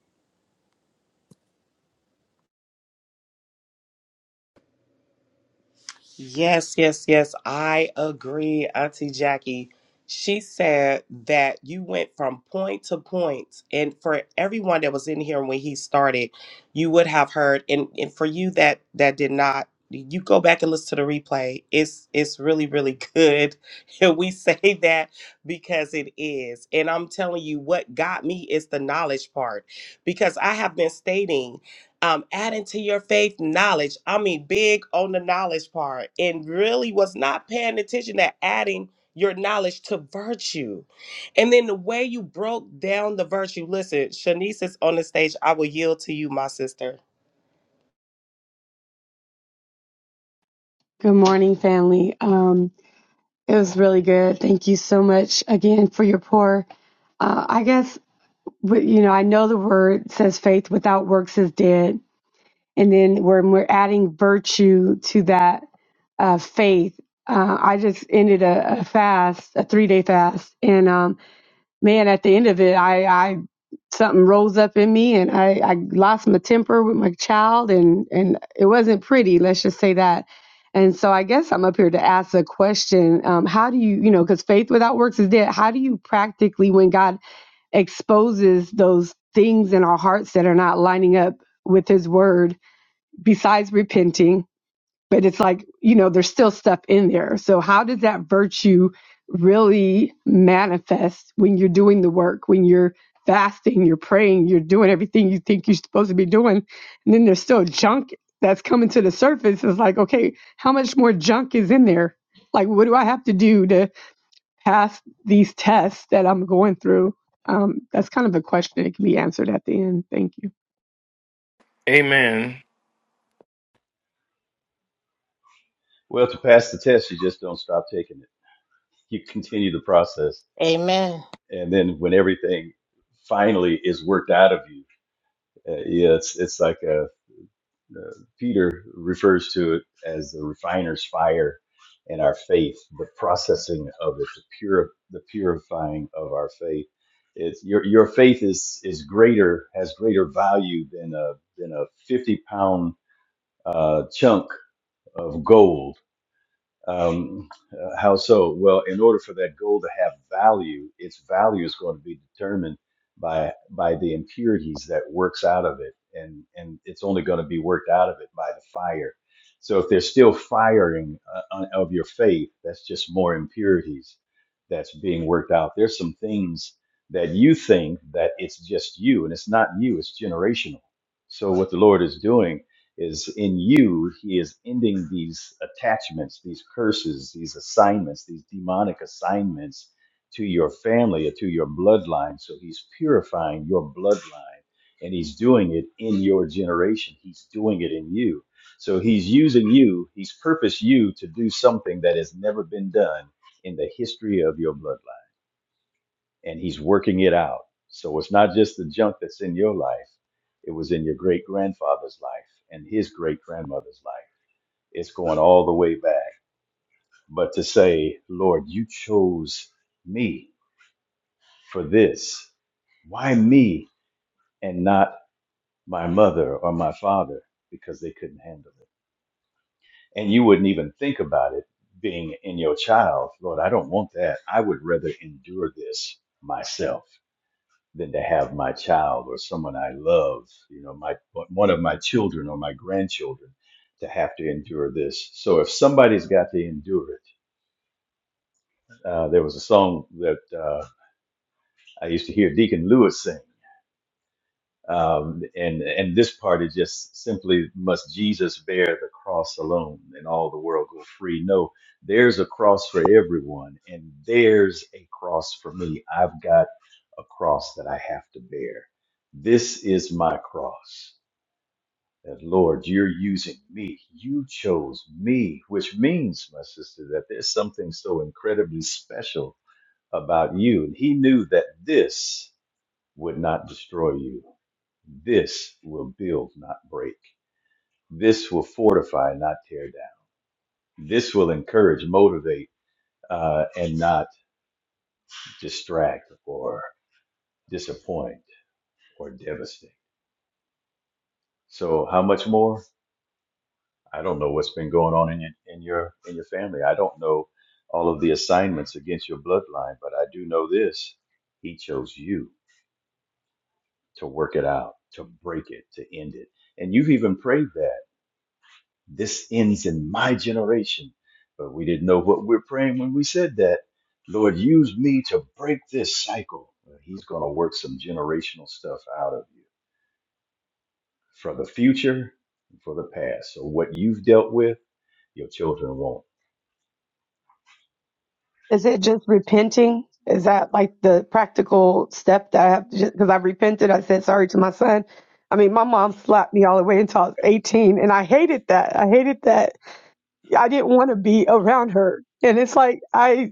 Yes, yes, yes. I agree, Auntie Jackie. She said that you went from point to point. And for everyone that was in here when he started, you would have heard. And, and for you that that did not, you go back and listen to the replay. It's it's really, really good. And we say that because it is. And I'm telling you, what got me is the knowledge part. Because I have been stating um, adding to your faith knowledge. I mean, big on the knowledge part, and really was not paying attention to adding your knowledge to virtue. And then the way you broke down the virtue. Listen, Shanice is on the stage. I will yield to you, my sister.
Good morning, family. Um, it was really good. Thank you so much again for your pour. Uh, I guess, w- you know, I know the word says faith without works is dead. And then when we're adding virtue to that uh, faith, uh, I just ended a, a fast, a three day fast. And um, man, at the end of it, I, I something rose up in me, and I, I lost my temper with my child, and and it wasn't pretty. Let's just say that. And so I guess I'm up here to ask a question. Um, how do you, you know, because faith without works is dead. How do you practically, when God exposes those things in our hearts that are not lining up with His Word, besides repenting? but it's like you know there's still stuff in there so how does that virtue really manifest when you're doing the work when you're fasting you're praying you're doing everything you think you're supposed to be doing and then there's still junk that's coming to the surface it's like okay how much more junk is in there like what do i have to do to pass these tests that i'm going through um, that's kind of a question that can be answered at the end thank you
Amen.
Well, to pass the test, you just don't stop taking it. You continue the process,
Amen.
and then when everything finally is worked out of you, uh, yeah, it's it's like uh, Peter refers to it as the refiner's fire in our faith, the processing of it, the pure, the purifying of our faith. It's your your faith is is greater, has greater value than a than a fifty pound uh, chunk of gold um, uh, how so? Well, in order for that gold to have value, its value is going to be determined by by the impurities that works out of it, and and it's only going to be worked out of it by the fire. So if there's still firing uh, on- of your faith, that's just more impurities that's being worked out. There's some things that you think that it's just you, and it's not you. It's generational. So what the Lord is doing is in you, he is ending these attachments, these curses, these assignments, these demonic assignments to your family or to your bloodline. So he's purifying your bloodline and he's doing it in your generation. He's doing it in you. So he's using you, he's purposed you to do something that has never been done in the history of your bloodline and he's working it out. So it's not just the junk that's in your life, it was in your great grandfather's life and his great grandmother's life. It's going all the way back. But to say, Lord, you chose me for this. Why me and not my mother or my father? Because they couldn't handle it. And you wouldn't even think about it being in your child. Lord, I don't want that. I would rather endure this myself. than to have my child or someone I love, you know, my one of my children or my grandchildren, to have to endure this. So if somebody's got to endure it, uh, there was a song that uh, I used to hear Deacon Lewis sing, um, and and this part is just simply must Jesus bear the cross alone, and all the world go free. No, there's a cross for everyone, and there's a cross for me. I've got a cross that I have to bear. This is my cross that Lord, you're using me. You chose me, which means, my sister, that there's something so incredibly special about you. And he knew that this would not destroy you. This will build, not break. This will fortify, not tear down. This will encourage, motivate, uh, and not distract or disappoint or devastate. So, how much more? I don't know what's been going on in your in your in your family. I don't know all of the assignments against your bloodline, but I do know this. He chose you to work it out, to break it, to end it. And you've even prayed that. This ends in my generation. But we didn't know what we're praying when we said that. Lord, use me to break this cycle. Well, He's going to work some generational stuff out of you for the future and for the past. So what you've dealt with, your children won't.
Is it just repenting? Is that like the practical step that I have to just because I repented? I said sorry to my son. I mean, my mom slapped me all the way until I was 18, and I hated that. I hated that. I didn't want to be around her. And it's like, I,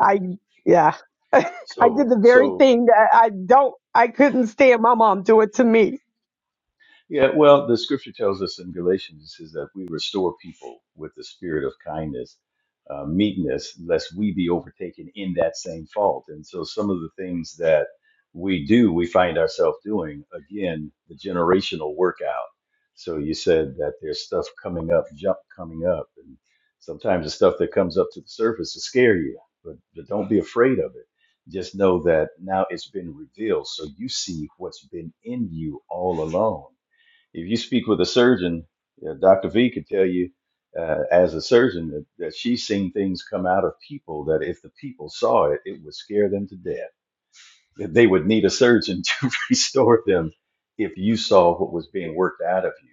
I, yeah, I
So,
did the very
so
thing that I don't, I couldn't stand my mom do it to me.
Yeah, well, the scripture tells us in Galatians, it says that we restore people with the spirit of kindness, uh, meekness, lest we be overtaken in that same fault. And so some of the things that we do, we find ourselves doing, again, the generational workout. So you said that there's stuff coming up, jump coming up. And sometimes the stuff that comes up to the surface to scare you, but, but don't be afraid of it. Just know that now it's been revealed. So you see what's been in you all along if you speak with a surgeon, uh, Dr. V could tell you, uh, as a surgeon, that, that she's seen things come out of people that if the people saw it, it would scare them to death. That they would need a surgeon to restore them if you saw what was being worked out of you.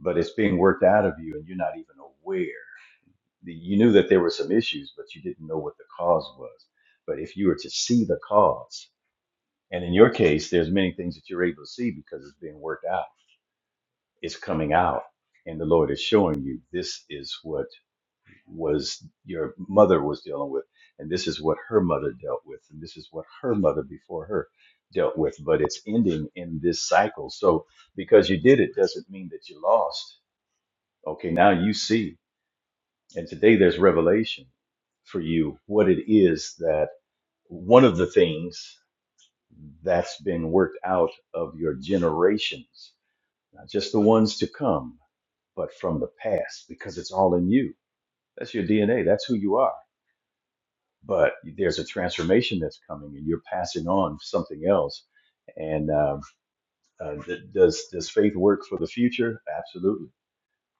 But it's being worked out of you and you're not even aware. You knew that there were some issues, but you didn't know what the cause was. But if you were to see the cause, and in your case, there's many things that you're able to see because it's being worked out is coming out and the lord is showing you this is what was your mother was dealing with and this is what her mother dealt with and this is what her mother before her dealt with but it's ending in this cycle so because you did it doesn't mean that you lost okay now you see and today there's revelation for you what it is that one of the things that's been worked out of your generations not just the ones to come but from the past because it's all in you. That's your DNA. That's who you are. But there's a transformation that's coming, and you're passing on something else. And um, uh, th- does does faith work for the future? Absolutely.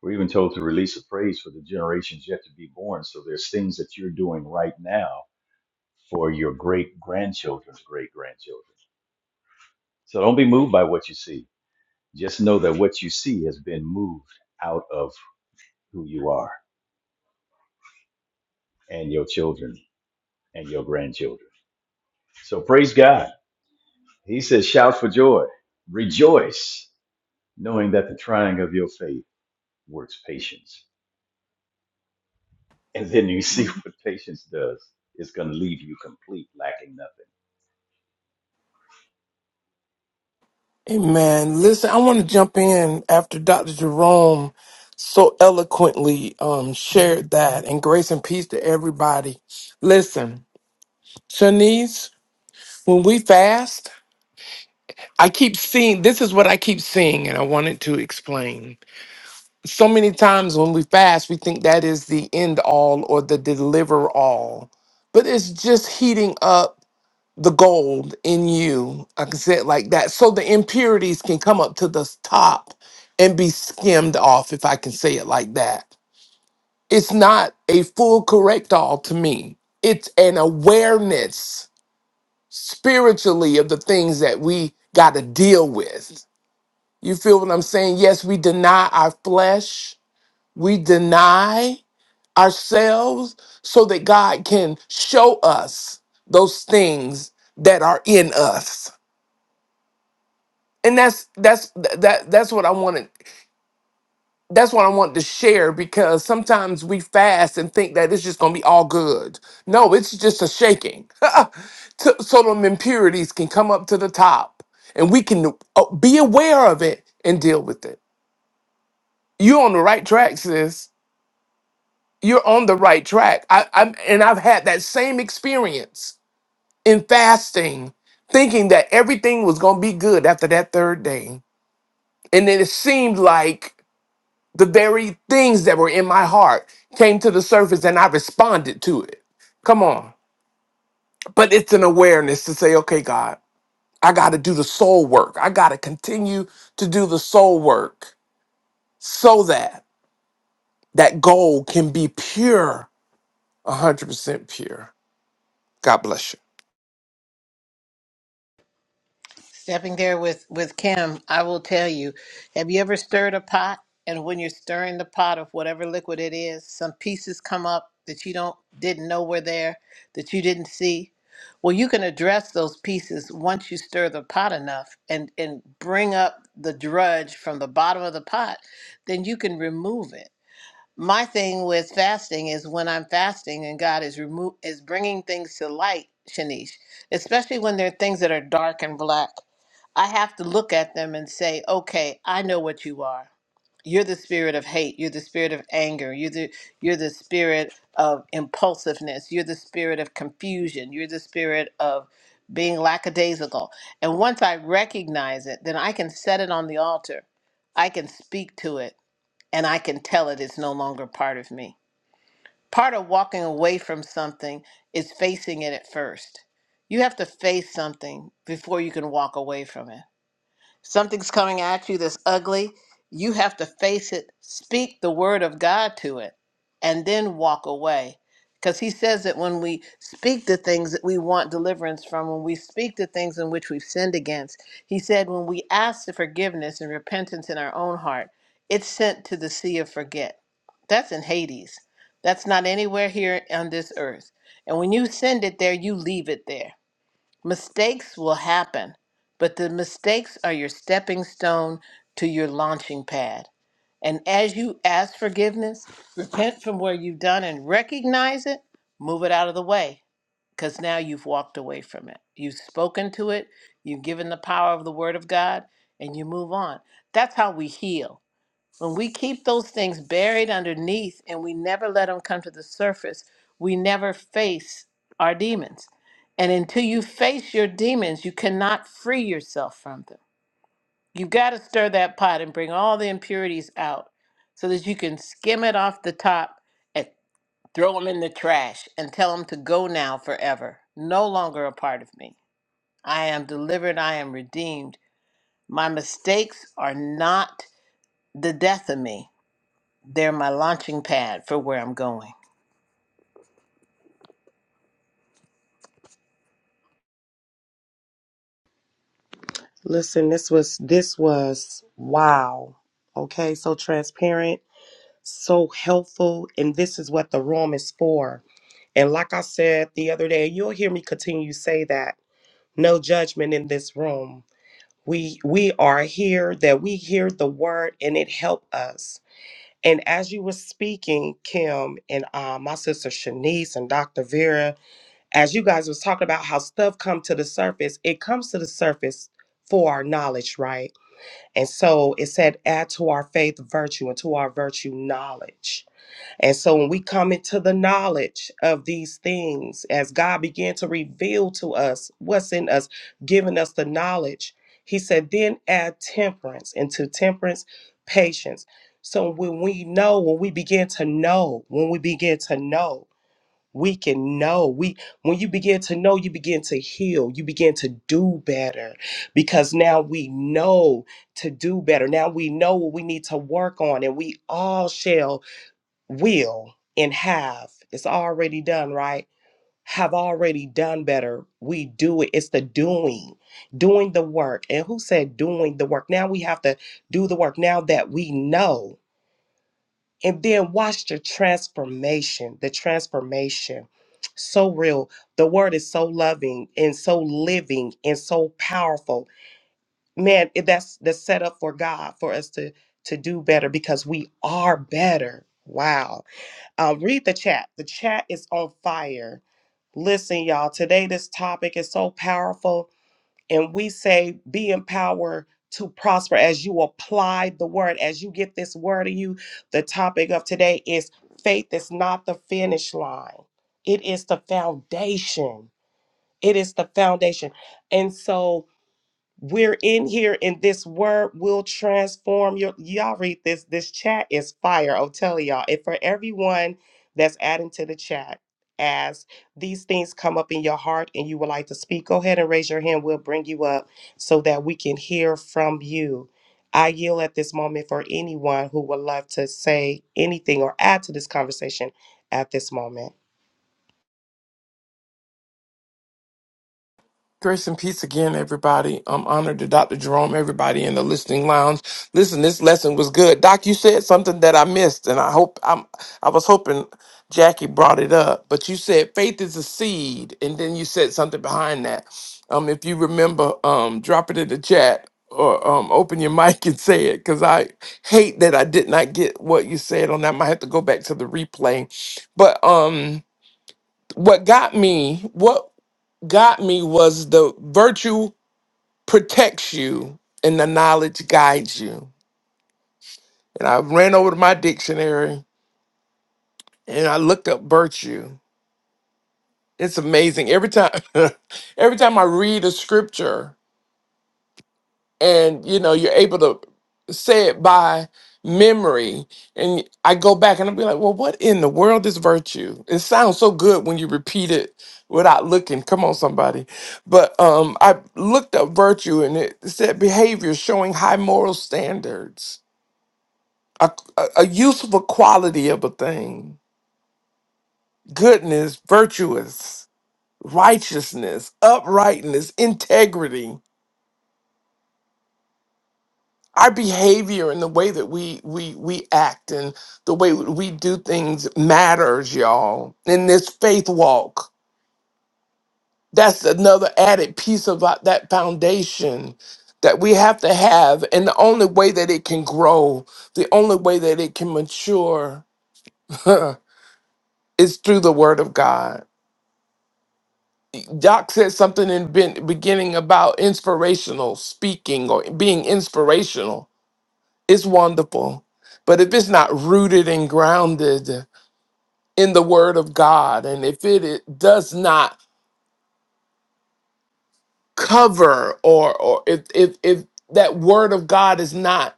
We're even told to release a praise for the generations yet to be born. So there's things that you're doing right now for your great grandchildren's great grandchildren. So don't be moved by what you see. Just know that what you see has been moved out of who you are and your children and your grandchildren. So praise God. He says, shout for joy, rejoice, knowing that the trying of your faith works patience. And then you see what patience does. It's going to leave you complete, lacking nothing.
Hey man, listen, I want to jump in after Dr. Jerome so eloquently um shared that and grace and peace to everybody. Listen, Shanice, when we fast, I keep seeing this is what I keep seeing, and I wanted to explain. so many times when we fast, we think that is the end all or the deliver all, but it's just heating up the gold in you. I can say it like that. So the impurities can come up to the top and be skimmed off, if I can say it like that. It's not a full correct all to me, it's an awareness spiritually of the things that we got to deal with. You feel what I'm saying? Yes, we deny our flesh. We deny ourselves so that God can show us those things that are in us. And that's that's that that's what I wanted that's what I wanted to share because sometimes we fast and think that it's just gonna be all good. No, it's just a shaking. To- so them impurities can come up to the top and we can uh, be aware of it and deal with it. You're on the right track, sis. You're on the right track. I, I'm and I've had that same experience in fasting, thinking that everything was going to be good after that third day. And then it seemed like the very things that were in my heart came to the surface and I responded to it. Come on. But it's an awareness to say, okay, God, I got to do the soul work. I got to continue to do the soul work so that that goal can be pure, 100% pure. God bless you.
Stepping there with with Kim, I will tell you. Have you ever stirred a pot? And when you're stirring the pot of whatever liquid it is, some pieces come up that you don't didn't know were there, that you didn't see. Well, you can address those pieces once you stir the pot enough and and bring up the drudge from the bottom of the pot, then you can remove it. my thing with fasting is when I'm fasting and God is remo- is bringing things to light, Shanice, especially when there are things that are dark and black. I have to look at them and say, "Okay, I know what you are. You're the spirit of hate. You're the spirit of anger. You're the you're the spirit of impulsiveness. You're the spirit of confusion. You're the spirit of being lackadaisical." And once I recognize it, then I can set it on the altar. I can speak to it and I can tell it is no longer part of me. Part of walking away from something is facing it at first. You have to face something before you can walk away from it. Something's coming at you that's ugly. You have to face it, speak the word of God to it, and then walk away. Because he says that when we speak the things that we want deliverance from, when we speak the things in which we've sinned against, he said when we ask for forgiveness and repentance in our own heart, it's sent to the sea of forget. That's in Hades. That's not anywhere here on this earth. And when you send it there, you leave it there Mistakes will happen, but the mistakes are your stepping stone to your launching pad. And as you ask forgiveness, repent from where you've done and recognize it, move it out of the way because now you've walked away from it. You've spoken to it, you've given the power of the Word of God, and you move on. That's how we heal. When we keep those things buried underneath and we never let them come to the surface, we never face our demons. And until you face your demons, you cannot free yourself from them. You've got to stir that pot and bring all the impurities out so that you can skim it off the top and throw them in the trash and tell them to go now forever. No longer a part of me. I am delivered. I am redeemed. My mistakes are not the death of me they're my launching pad for where I'm going.
Listen, this was this was wow. Okay, so transparent, so helpful, and this is what the room is for. And like I said the other day, you'll hear me continue to say that no judgment in this room. we we are here that we hear the word and it help us and as you were speaking kim and uh, my sister shanice and dr vera as you guys was talking about how stuff come to the surface it comes to the surface for our knowledge right and so it said add to our faith virtue and to our virtue knowledge and so when we come into the knowledge of these things, as God began to reveal to us what's in us, giving us the knowledge, he said, then add temperance into temperance, patience. So when we know, when we begin to know, when we begin to know, we can know. We when you begin to know, you begin to heal, you begin to do better because now we know to do better. Now we know what we need to work on and we all shall will and have it's already done right have already done better we do it it's the doing doing the work and who said doing the work now we have to do the work now that we know and then watch the transformation the transformation so real the word is so loving and so living and so powerful man it- that's the setup for god for us to to do better because we are better wow uh, read the chat. The chat is on fire. Listen, y'all, today this topic is so powerful, and we say be empowered to prosper as you apply the word, as you get this word in you. The topic of today is faith is not the finish line, it is the foundation. It is the foundation. And so, we're in here and this word will transform your y'all read this. This chat is fire. I'll tell y'all. And for everyone that's adding to the chat, as these things come up in your heart and you would like to speak, go ahead and raise your hand. We'll bring you up so that we can hear from you. I yield at this moment for anyone who would love to say anything or add to this conversation at this moment.
Grace and peace again, everybody. I'm honored to Dr. Jerome, everybody in the listening lounge. Listen, this lesson was good. Doc, you said something that I missed, and I hope I'm I was hoping Jackie brought it up, but you said faith is a seed, and then you said something behind that. Um, if you remember, um, drop it in the chat or um open your mic and say it because I hate that I did not get what you said on that. I might have to go back to the replay. But um what got me, what got me was the virtue protects you and the knowledge guides you. And I ran over to my dictionary and I looked up virtue. It's amazing. Every time every time I read a scripture, and you know you're able to say it by memory and i go back and i'll be like well what in the world is virtue it sounds so good when you repeat it without looking come on somebody but um i looked up virtue and it said behavior showing high moral standards a, a, a useful quality of a thing goodness virtuous righteousness uprightness integrity our behavior and the way that we we we act and the way we do things matters y'all in this faith walk that's another added piece of our- that foundation that we have to have and the only way that it can grow the only way that it can mature is through the word of god doc said something in the beginning about inspirational speaking or being inspirational It's wonderful. But if it's not rooted and grounded in the word of God, and if it, it does not cover or or if if if that word of God is not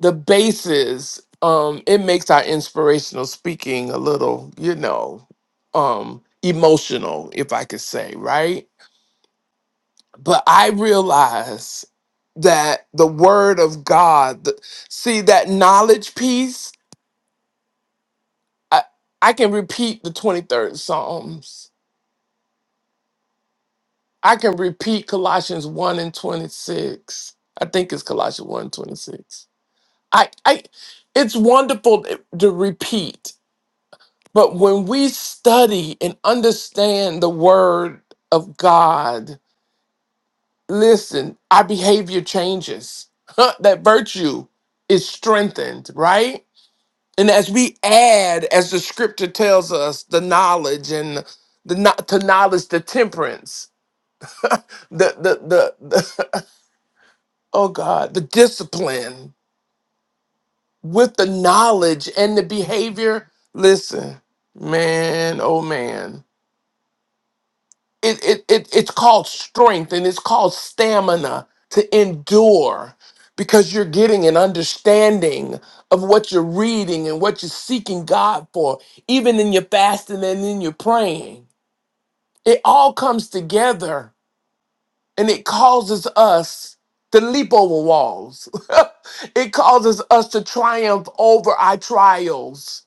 the basis, um, it makes our inspirational speaking a little, you know, um emotional, if I could say, right? But I realize that the word of God, the- see that knowledge piece I I can repeat the 23rd Psalms. I can repeat Colossians 1 and 26. I think it's Colossians 1 and 26. I I it's wonderful to to repeat, but when we study and understand the word of God, listen, our behavior changes. that virtue is strengthened, right? And as we add, as the scripture tells us, the knowledge and the no- to knowledge, the temperance, the the the, the oh God, the discipline with the knowledge and the behavior. Listen, man, oh man, it it, it it's called strength and it's called stamina to endure because you're getting an understanding of what you're reading and what you're seeking God for, even in your fasting and in your praying. It all comes together and it causes us to leap over walls. it causes us to triumph over our trials.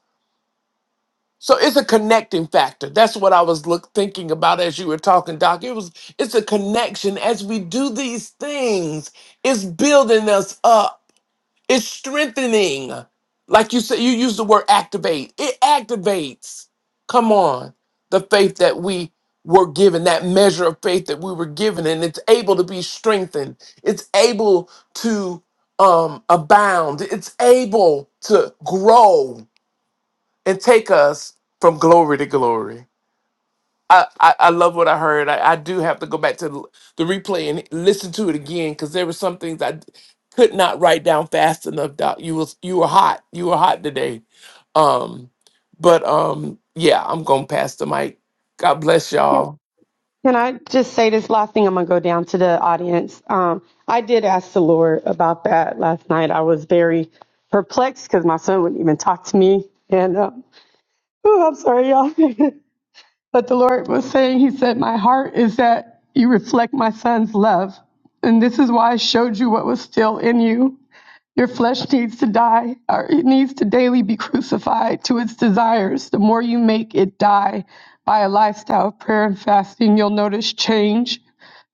So it's a connecting factor. That's what I was look, thinking about as you were talking, Doc. It was it's a connection as we do these things. It's building us up it's strengthening. Like you said, you use the word activate. It activates. Come on. The faith that we were given, that measure of faith that we were given, and it's able to be strengthened. It's able to um, abound. It's able to grow and take us from glory to glory. I, I, I love what I heard. I, I do have to go back to the, the replay and listen to it again because there were some things I d- could not write down fast enough. Doc, you was you were hot. You were hot today. Um, but um, yeah, I'm gonna pass the mic. God bless y'all.
Can I just say this last thing? I'm going to go down to the audience. Um, I did ask the Lord about that last night. I was very perplexed because my son wouldn't even talk to me. And uh, oh, I'm sorry, y'all. but the Lord was saying, He said, My heart is that you reflect my son's love. And this is why I showed you what was still in you your flesh needs to die, or it needs to daily be crucified to its desires. The more you make it die by a lifestyle of prayer and fasting, you'll notice change.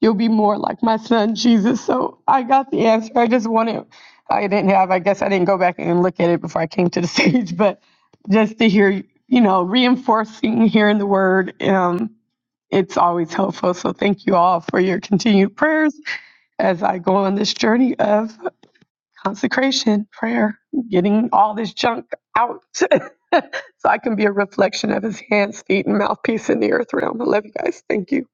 You'll be more like my son Jesus. So I got the answer. I just wanted, I didn't have, I guess I didn't go back and look at it before I came to the stage, but just to hear, you know, reinforcing hearing the word, um, it's always helpful. So thank you all for your continued prayers as I go on this journey of consecration, prayer, getting all this junk out so I can be a reflection of his hands, feet, and mouthpiece in the earth realm. I love you guys. Thank you.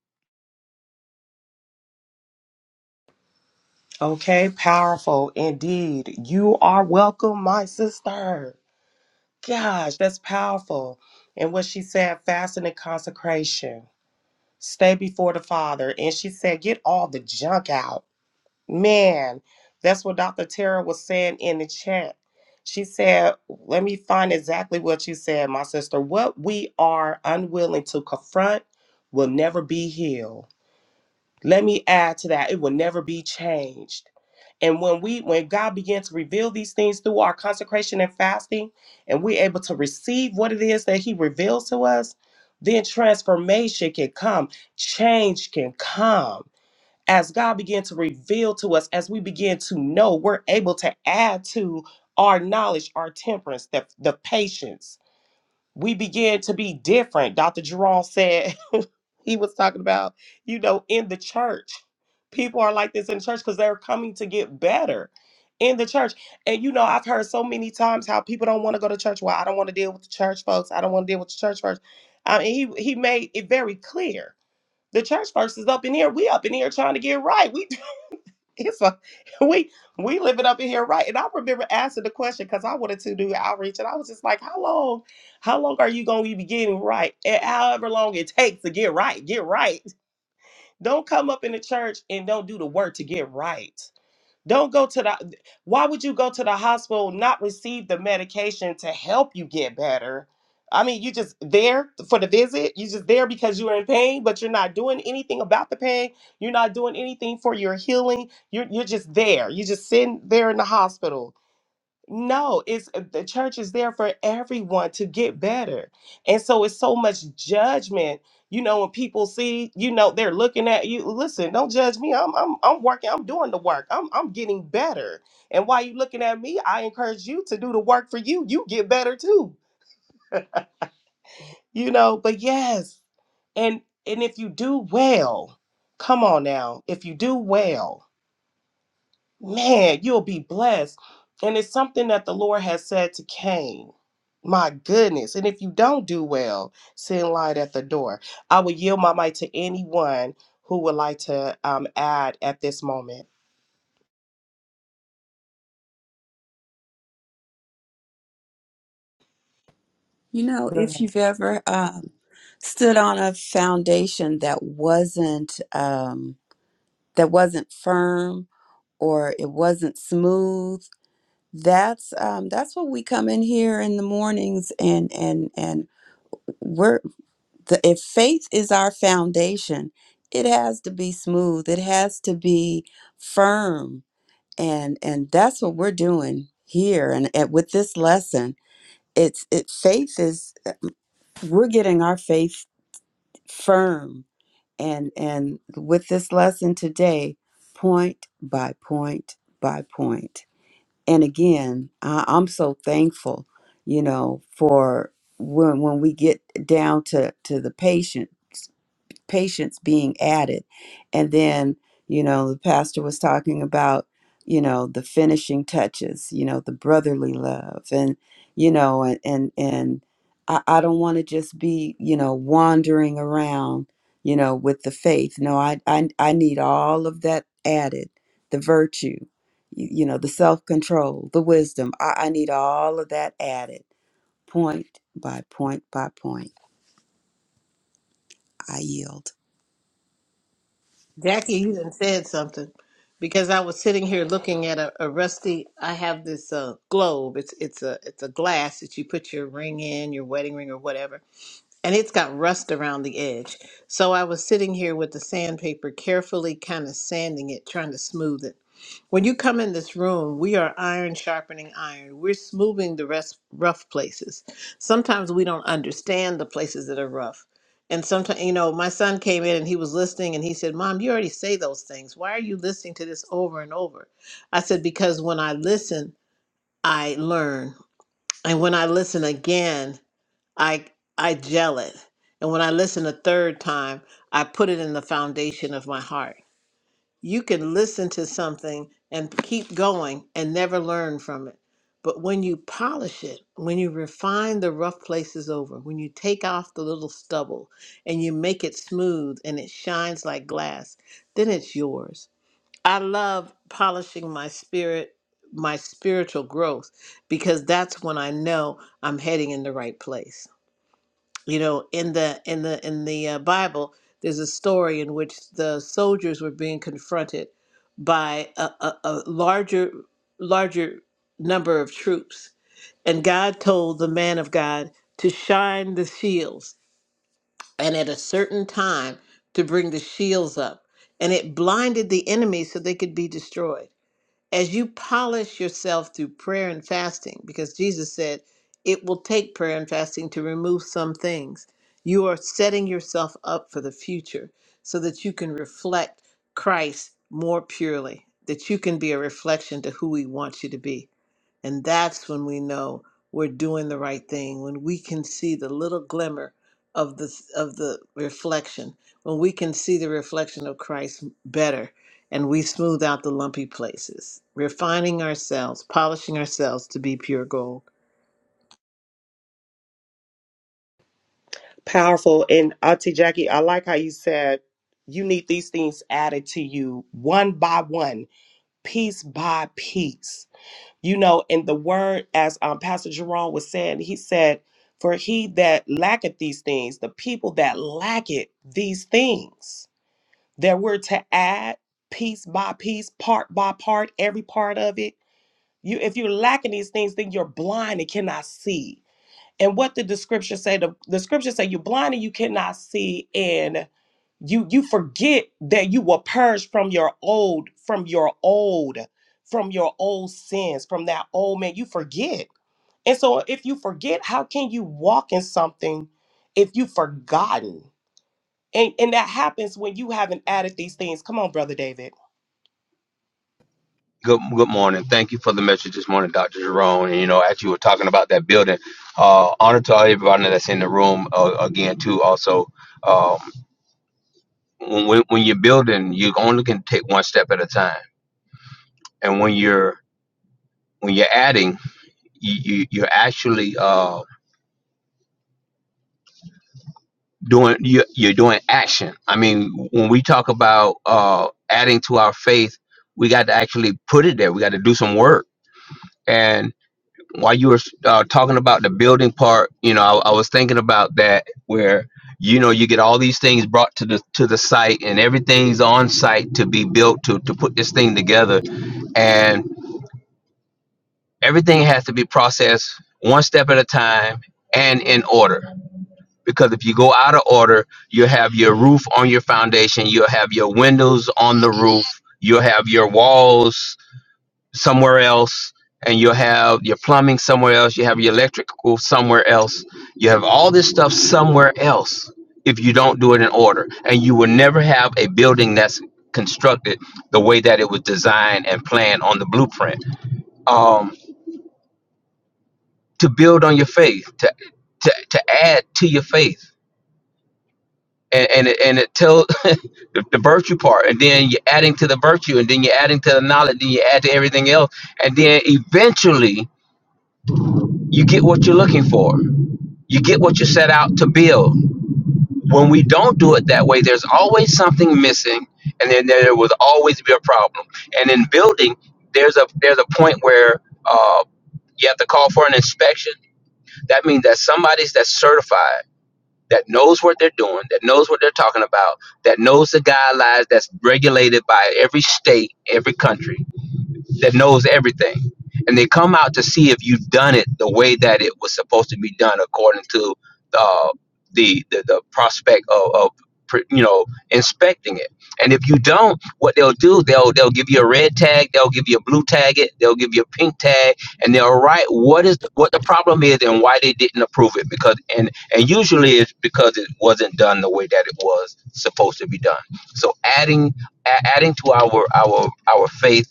Okay, powerful indeed. You are welcome, my sister. Gosh, that's powerful. And what she said, fasting and consecration. Stay before the Father. And she said, get all the junk out. Man, that's what Dr. Tara was saying in the chat. She said, let me find exactly what you said, my sister. What we are unwilling to confront will never be healed. Let me add to that, it will never be changed. And when we when God begins to reveal these things through our consecration and fasting, and we're able to receive what it is that He reveals to us, then transformation can come, change can come. As God begins to reveal to us, as we begin to know, we're able to add to our knowledge, our temperance, the, the patience. We begin to be different. Dr. Jerome said he was talking about, you know, in the church. People are like this in church because they're coming to get better in the church. And you know, I've heard so many times how people don't want to go to church. Well, I don't want to deal with the church folks. I don't want to deal with the church folks. I mean, he he made it very clear. The church folks is up in here. We up in here trying to get right. We it's a we we living up in here right. And I remember asking the question because I wanted to do outreach, and I was just like, how long how long are you going to be getting right? And however long it takes to get right, get right. Don't come up in the church and don't do the work to get right. Don't go to the why would you go to the hospital not receive the medication to help you get better? I mean, you just there for the visit. You just there because you're in pain, but you're not doing anything about the pain. You're not doing anything for your healing. You're you're just there. You're just sitting there in the hospital no, it's uh, the church is there for everyone to get better. And so it's so much judgment. You know, when people see, you know, they're looking at you, listen, don't judge me. I'm I'm I'm working, I'm doing the work. I'm I'm getting better. And while you looking at me, I encourage you to do the work for you. You get better too. You know, but yes. And and if you do well, come on now. If you do well, man, you'll be blessed. And it's something that the Lord has said to Cain. My goodness. And if you don't do well, sin lied at the door. I will yield my mic to anyone who would like to um, add at this moment.
You know,
Go
if
ahead.
you've ever um, stood on a foundation that wasn't um, that wasn't firm or it wasn't smooth, that's um that's what we come in here in the mornings and and and we're the, if faith is our foundation it has to be smooth it has to be firm and and that's what we're doing here and, and with this lesson it's it faith is we're getting our faith firm and and with this lesson today point by point by point and again I, i'm so thankful you know for when when we get down to to the patient patients being added. And then, you know, the pastor was talking about, you know, the finishing touches, you know, the brotherly love and, you know, and, and, and I, I don't want to just be, you know, wandering around, you know, with the faith. No, I, I, I need all of that added, the virtue, you, you know, the self-control, the wisdom. I, I need all of that added point by point by point. I yield.
Jackie, you done said something because I was sitting here looking at a, a rusty. I have this uh, globe. It's it's a it's a glass that you put your ring in, your wedding ring or whatever, and it's got rust around the edge. So I was sitting here with the sandpaper, carefully kind of sanding it, trying to smooth it. When you come in this room, we are iron sharpening iron. We're smoothing the rest, rough places. Sometimes we don't understand the places that are rough. And sometimes, you know, my son came in and he was listening and he said, Mom, you already say those things. Why are you listening to this over and over? I said, Because when I listen, I learn. And when I listen again, I I gel it. And when I listen a third time, I put it in the foundation of my heart. You can listen to something and keep going and never learn from it. But when you polish it, when you refine the rough places over, when you take off the little stubble and you make it smooth and it shines like glass, then it's yours. I love polishing my spirit, my spiritual growth, because that's when I know I'm heading in the right place you know in the in the in the uh, bible there's a story in which the soldiers were being confronted by a, a, a larger larger number of troops and god told the man of god to shine the shields and at a certain time to bring the shields up and it blinded the enemy so they could be destroyed as you polish yourself through prayer and fasting, because Jesus said it will take prayer and fasting to remove some things, you are setting yourself up for the future so that you can reflect Christ more purely, that you can be a reflection to who He wants you to be. And that's when we know we're doing the right thing, when we can see the little glimmer of the of the reflection, when we can see the reflection of Christ better and we smooth out the lumpy places, refining ourselves, polishing ourselves to be pure gold.
Powerful. And Auntie Jackie, I like how you said you need these things added to you one by one, piece by piece you know in the word as um, pastor jerome was saying he said for he that lacketh these things the people that lack it these things that we're to add piece by piece part by part every part of it you if you're lacking these things then you're blind and cannot see and what did the scripture say the, the scripture say you're blind and you cannot see And you you forget that you were purged from your old from your old from your old sins from that old man you forget and so if you forget how can you walk in something if you've forgotten and and that happens when you haven't added these things come on brother david
Good, good morning. Thank you for the message this morning, Dr. Jerome. And, you know, as you were talking about that building, uh, honor to everybody that's in the room uh, again, too. Also, um, when, when you're building, you only can take one step at a time. And when you're when you're adding, you, you, you're actually uh, doing you, you're doing action. I mean, when we talk about uh, adding to our faith, we got to actually put it there. We got to do some work while you were uh, talking about the building part, you know, I, I was thinking about that where you know you get all these things brought to the to the site and everything's on site to be built to to put this thing together and everything has to be processed one step at a time and in order because if you go out of order you'll have your roof on your foundation you'll have your windows on the roof you'll have your walls somewhere else and you'll have your plumbing somewhere else you have your electrical somewhere else you have all this stuff somewhere else if you don't do it in order and you will never have a building that's constructed the way that it was designed and planned on the blueprint um, to build on your faith to, to, to add to your faith and, and it, and it tells the, the virtue part and then you're adding to the virtue and then you're adding to the knowledge then you add to everything else and then eventually you get what you're looking for. You get what you set out to build. When we don't do it that way, there's always something missing, and then there will always be a problem. And in building, there's a there's a point where uh, you have to call for an inspection. That means that somebody's that's certified, that knows what they're doing, that knows what they're talking about, that knows the guidelines that's regulated by every state, every country that knows everything. And they come out to see if you've done it the way that it was supposed to be done according to uh, the, the the prospect of, of pr- you know inspecting it. And if you don't, what they'll do they'll they'll give you a red tag, they'll give you a blue tag, it they'll give you a pink tag, and they'll write what is what the problem is and why they didn't approve it because and and usually it's because it wasn't done the way that it was supposed to be done. So adding a- adding to our our our faith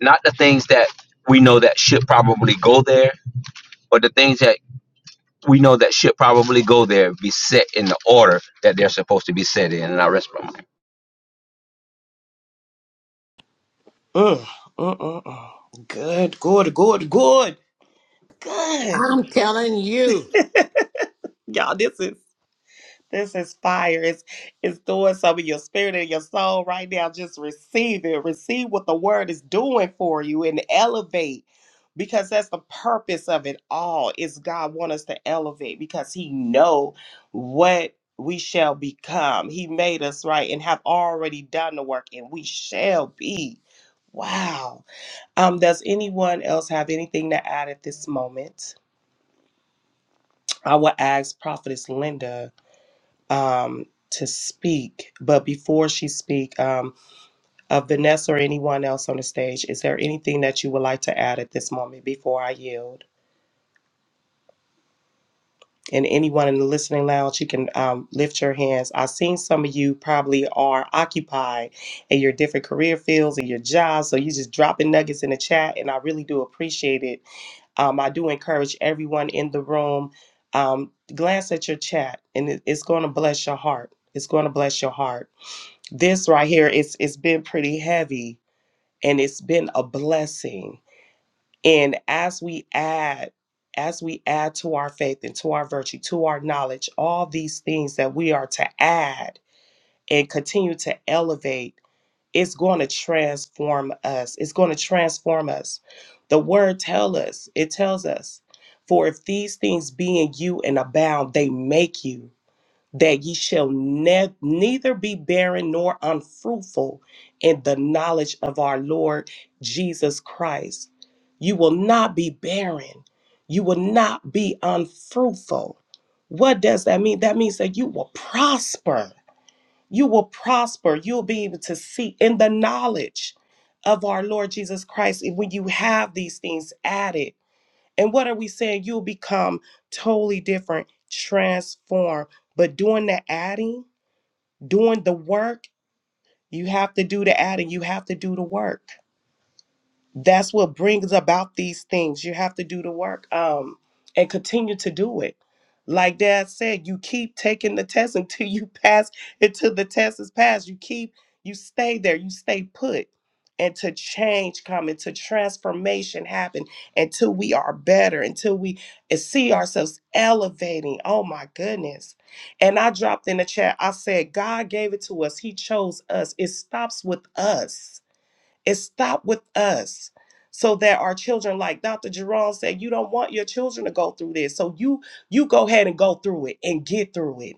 not the things that we know that should probably go there, but the things that we know that should probably go there be set in the order that they're supposed to be set in. And I rest my
mm, mm, mm, mm. good good good good good
I'm telling you.
y'all this is This is fire. It's, it's doing something in your spirit and your soul right now. Just receive it. Receive what the word is doing for you and elevate because that's the purpose of it all is God want us to elevate because he know what we shall become. He made us right and have already done the work and we shall be. Wow. Um, does anyone else have anything to add at this moment? I will ask Prophetess Linda um, to speak. But before she speak, um, uh, Vanessa or anyone else on the stage, is there anything that you would like to add at this moment before I yield? And anyone in the listening lounge, you can um, lift your hands. I've seen some of you probably are occupied in your different career fields and your jobs, so you just dropping nuggets in the chat, and I really do appreciate it. Um, I do encourage everyone in the room um, glance at your chat, and it, it's going to bless your heart. It's going to bless your heart. this right here it's it's been pretty heavy and it's been a blessing and as we add as we add to our faith and to our virtue to our knowledge all these things that we are to add and continue to elevate it's going to transform us it's going to transform us the word tell us it tells us for if these things be in you and abound they make you that ye shall ne- neither be barren nor unfruitful in the knowledge of our Lord Jesus Christ. You will not be barren. You will not be unfruitful. What does that mean? That means that you will prosper. You will prosper. You'll be able to see in the knowledge of our Lord Jesus Christ. And when you have these things added, and what are we saying? You'll become totally different, transform. But doing the adding, doing the work, you have to do the adding, you have to do the work that's what brings about these things. You have to do the work um, and continue to do it. Like Dad said, you keep taking the test until you pass, until the test is passed. You keep, you stay there, you stay put. And to change come, and to transformation happen until we are better, until we eh, see ourselves elevating. Oh my goodness. And I dropped in the chat, I said, God gave it to us. He chose us. It stops with us it stopped with us so that our children, like Dr. Jerome said, you don't want your children to go through this. So you you go ahead and go through it and get through it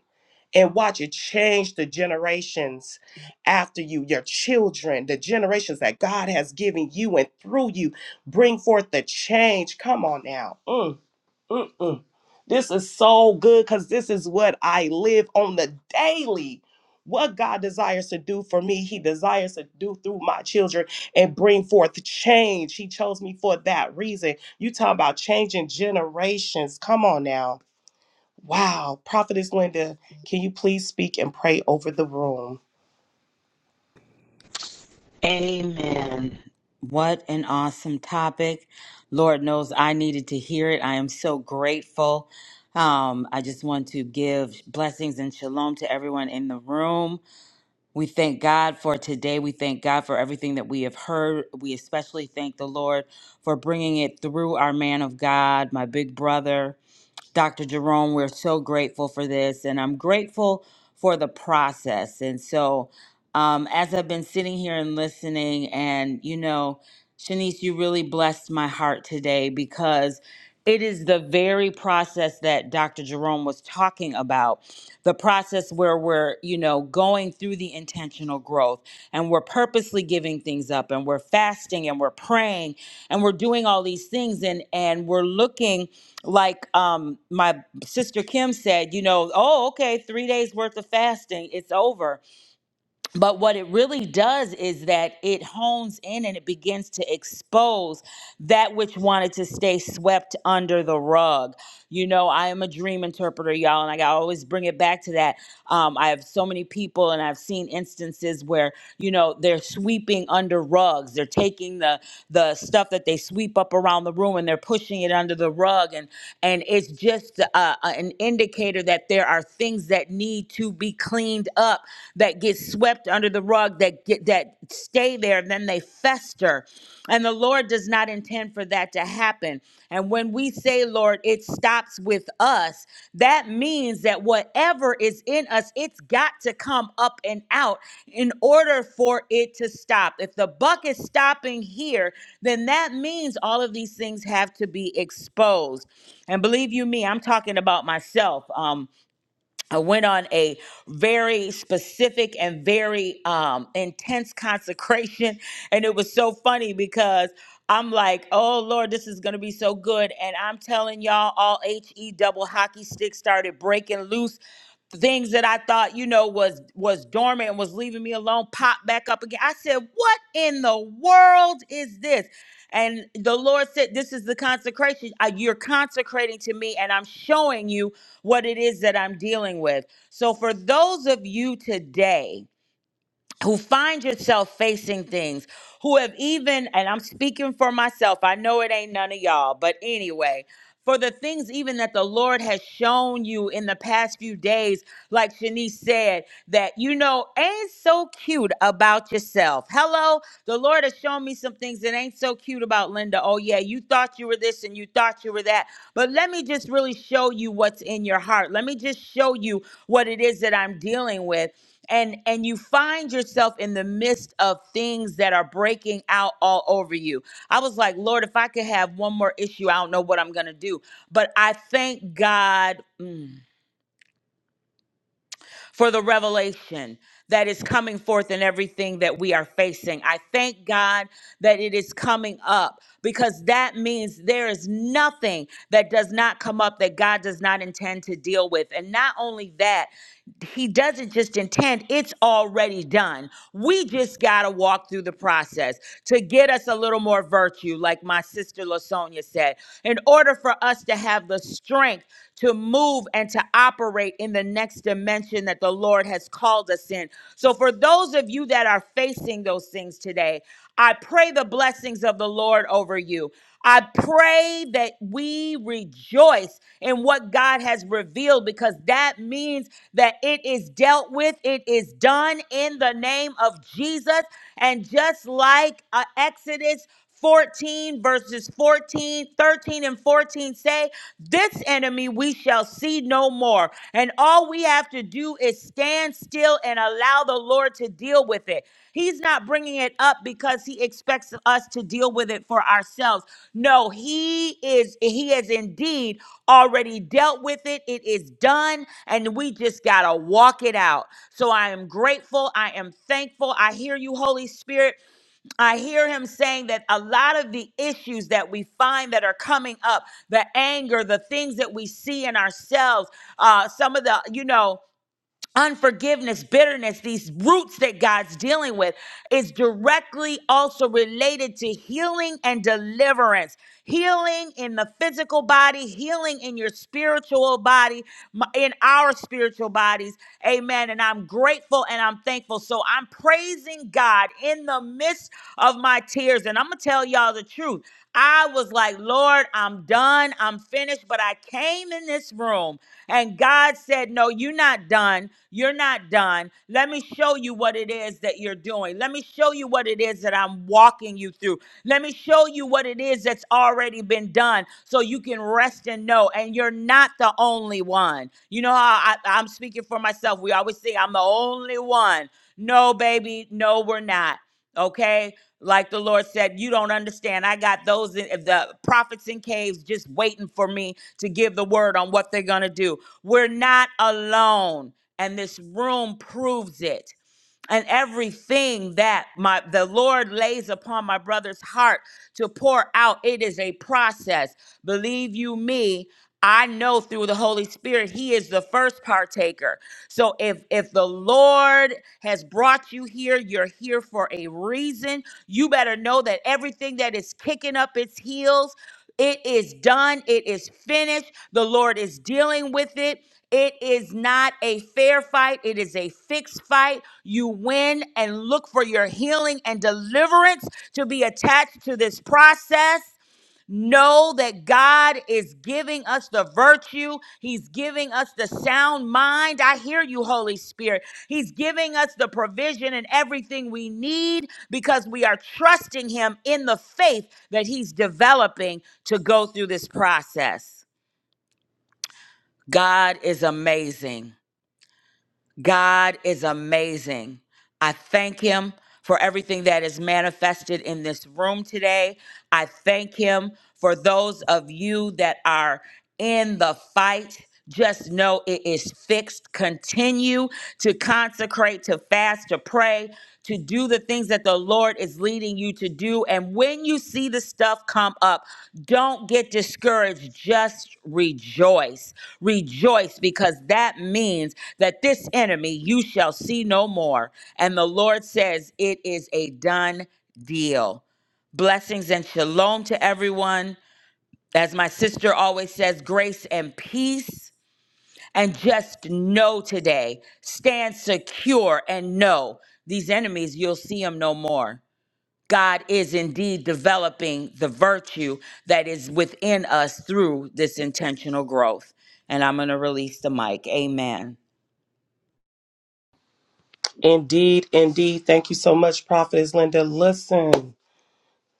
and watch it change the generations after you, your children, the generations that God has given you and through you, bring forth the change. Come on now. Mm, mm, mm. This is so good because this is what I live on the daily. What God desires to do for me, He desires to do through my children and bring forth change. He chose me for that reason. You talking about changing generations. Come on now. Wow. Prophetess Linda, can you please speak and pray over the room?
Amen. What an awesome topic. Lord knows I needed to hear it. I am so grateful. Um, I just want to give blessings and shalom to everyone in the room. We thank God for today. We thank God for everything that we have heard. We especially thank the Lord for bringing it through our man of God, my big brother. Dr. Jerome, we're so grateful for this, and I'm grateful for the process. And so, um, as I've been sitting here and listening, and you know, Shanice, you really blessed my heart today because it is the very process that Dr. Jerome was talking about the process where we're, you know, going through the intentional growth and we're purposely giving things up and we're fasting and we're praying and we're doing all these things and and we're looking like um my sister Kim said, you know, oh okay, 3 days worth of fasting, it's over. But what it really does is that it hones in and it begins to expose that which wanted to stay swept under the rug. You know, I am a dream interpreter, y'all, and I gotta always bring it back to that. Um I have so many people and I've seen instances where you know they're sweeping under rugs they're taking the the stuff that they sweep up around the room and they're pushing it under the rug and and it's just uh, uh, an indicator that there are things that need to be cleaned up that get swept under the rug that get that stay there and then they fester and the the Lord does not intend for that to happen. And when we say, Lord, it stops with us, that means that whatever is in us, it's got to come up and out in order for it to stop. If the buck is stopping here, then that means all of these things have to be exposed. And believe you me, I'm talking about myself. Um, I went on a very specific and very um, intense consecration. And it was so funny because I'm like, oh Lord, this is going to be so good. And I'm telling y'all, all HE double hockey sticks started breaking loose things that I thought, you know, was was dormant and was leaving me alone popped back up again. I said, "What in the world is this?" And the Lord said, "This is the consecration. Uh, You're consecrating to me, and I'm showing you." what it is that I'm dealing with. So, for those of you today, who find yourself facing things who have even and i'm speaking for myself i know it ain't none of y'all but anyway for the things even that the lord has shown you in the past few days like shanice said that you know ain't so cute about yourself hello the lord has shown me some things that ain't so cute about linda oh yeah you thought you were this and you thought you were that but let me just really show you what's in your heart let me just show you what it is that i'm dealing with and and you find yourself in the midst of things that are breaking out all over you. I was like, Lord, if I could have one more issue, I don't know what I'm going to do. But I thank God mm, for the revelation that is coming forth in everything that we are facing. I thank God that it is coming up because that means there is nothing that does not come up that God does not intend to deal with. And not only that, he doesn't just intend, it's already done. We just got to walk through the process to get us a little more virtue, like my sister Lasonia said, in order for us to have the strength to move and to operate in the next dimension that the Lord has called us in. So, for those of you that are facing those things today, I pray the blessing blessings of the Lord over you. I pray that we rejoice in what God has revealed because that means that it is dealt with, it is done in the name of Jesus. And just like uh, Exodus 14 verses 14, 13, and 14 say, This enemy we shall see no more. And all we have to do is stand still and allow the Lord to deal with it. He's not bringing it up because he expects us to deal with it for ourselves. No, he is, he has indeed already dealt with it. It is done. And we just got to walk it out. So I am grateful. I am thankful. I hear you, Holy Spirit. I hear him saying that a lot of the issues that we find that are coming up, the anger, the things that we see in ourselves, uh, some of the, you know, unforgiveness, bitterness, these roots that God's dealing with is directly also related to healing and deliverance. Healing in the physical body, healing in your spiritual body, m- in our spiritual bodies. Amen. And I'm grateful and I'm thankful. So I'm praising God in the midst of my tears. And I'm going to tell y'all the truth. I was like, like, Lord, I'm done, I'm finished, but I came in this room and God said, No, you're not done. You're not done. Let me show you what it is that you're doing. Let me show you what it is that I'm walking you through. Let me show you what it is that's already been done so you can rest and know. And you're not the only one. You know how I, I'm speaking for myself. We always say, I'm the only one. No, baby, no, we're not. Okay. Like the Lord said, you don't understand. I got those in, the prophets in caves just waiting for me to give the word on what they're going to do. We're not alone, and this room proves it and everything that my the Lord lays upon my brother's heart to pour out. It is a process. Believe you me, I know through the Holy Spirit he is the first partaker. So if if the Lord has brought you here, you're here for a reason. You better know that everything that is kicking up its heels it is done. It is finished. The Lord is dealing with it. It is not a fair fight. It is a fixed fight. You win and look for your healing and deliverance to be attached to this process. Know that God is giving us the virtue. He's giving us the sound mind. I hear you, Holy Spirit. He's giving us the provision and everything we need because we are trusting Him in the faith that He's developing to go through this process. God is amazing. God is amazing. I thank him for everything that is manifested in this room today. I thank him for those of you that are in the fight. Just know it is fixed. Continue to consecrate, to fast, to pray, to do the things that the Lord is leading you to do. And when you see the stuff come up, don't get discouraged. Just rejoice. Rejoice because that means that this enemy you shall see no more. And the Lord says it is a done deal. Blessings and shalom to everyone. As my sister always says, grace and peace. And just know today, stand secure and know these enemies, you'll see them no more. God is indeed developing the virtue that is within us through this intentional growth. And I'm going to release the mic. Amen.
Indeed, indeed. Thank you so much, Prophetess Linda. Listen.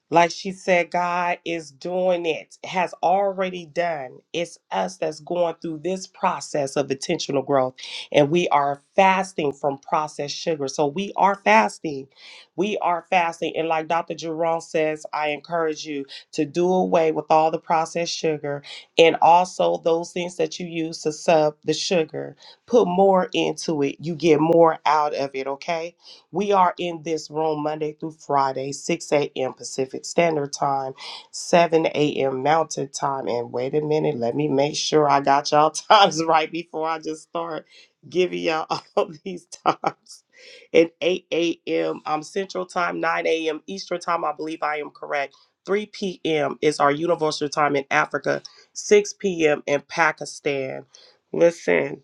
Like she said, God is doing it, has already done. It's us that's going through this process of intentional growth, and we are fasting from processed sugar. So we are fasting. We are fasting. And like Dr. Jerome says, I encourage you to do away with all the processed sugar and also those things that you use to sub the sugar. Put more into it, you get more out of it, okay? We are in this room Monday through Friday, 6 a.m. Pacific Standard Time, 7 a.m. Mountain Time. And wait a minute, let me make sure I got y'all times right before I just start giving y'all all these times. And 8 a.m. Um, Central Time, 9 a.m. Eastern Time, I believe I am correct. 3 p.m. is our universal time in Africa, 6 p.m. in Pakistan. Listen,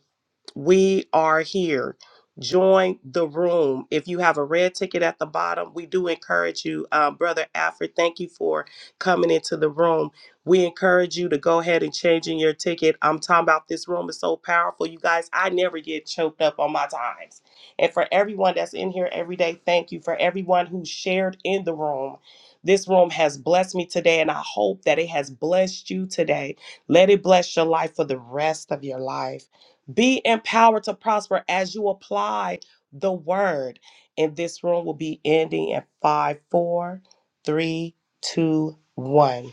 we are here. Join the room. If you have a red ticket at the bottom, we do encourage you, uh, Brother Alfred. Thank you for coming into the room. We encourage you to go ahead and change in your ticket. I'm talking about this room is so powerful, you guys. I never get choked up on my times. And for everyone that's in here every day, thank you. For everyone who shared in the room, this room has blessed me today, and I hope that it has blessed you today. Let it bless your life for the rest of your life. Be empowered to prosper as you apply the word. And this room will be ending at five, four, three, two, one.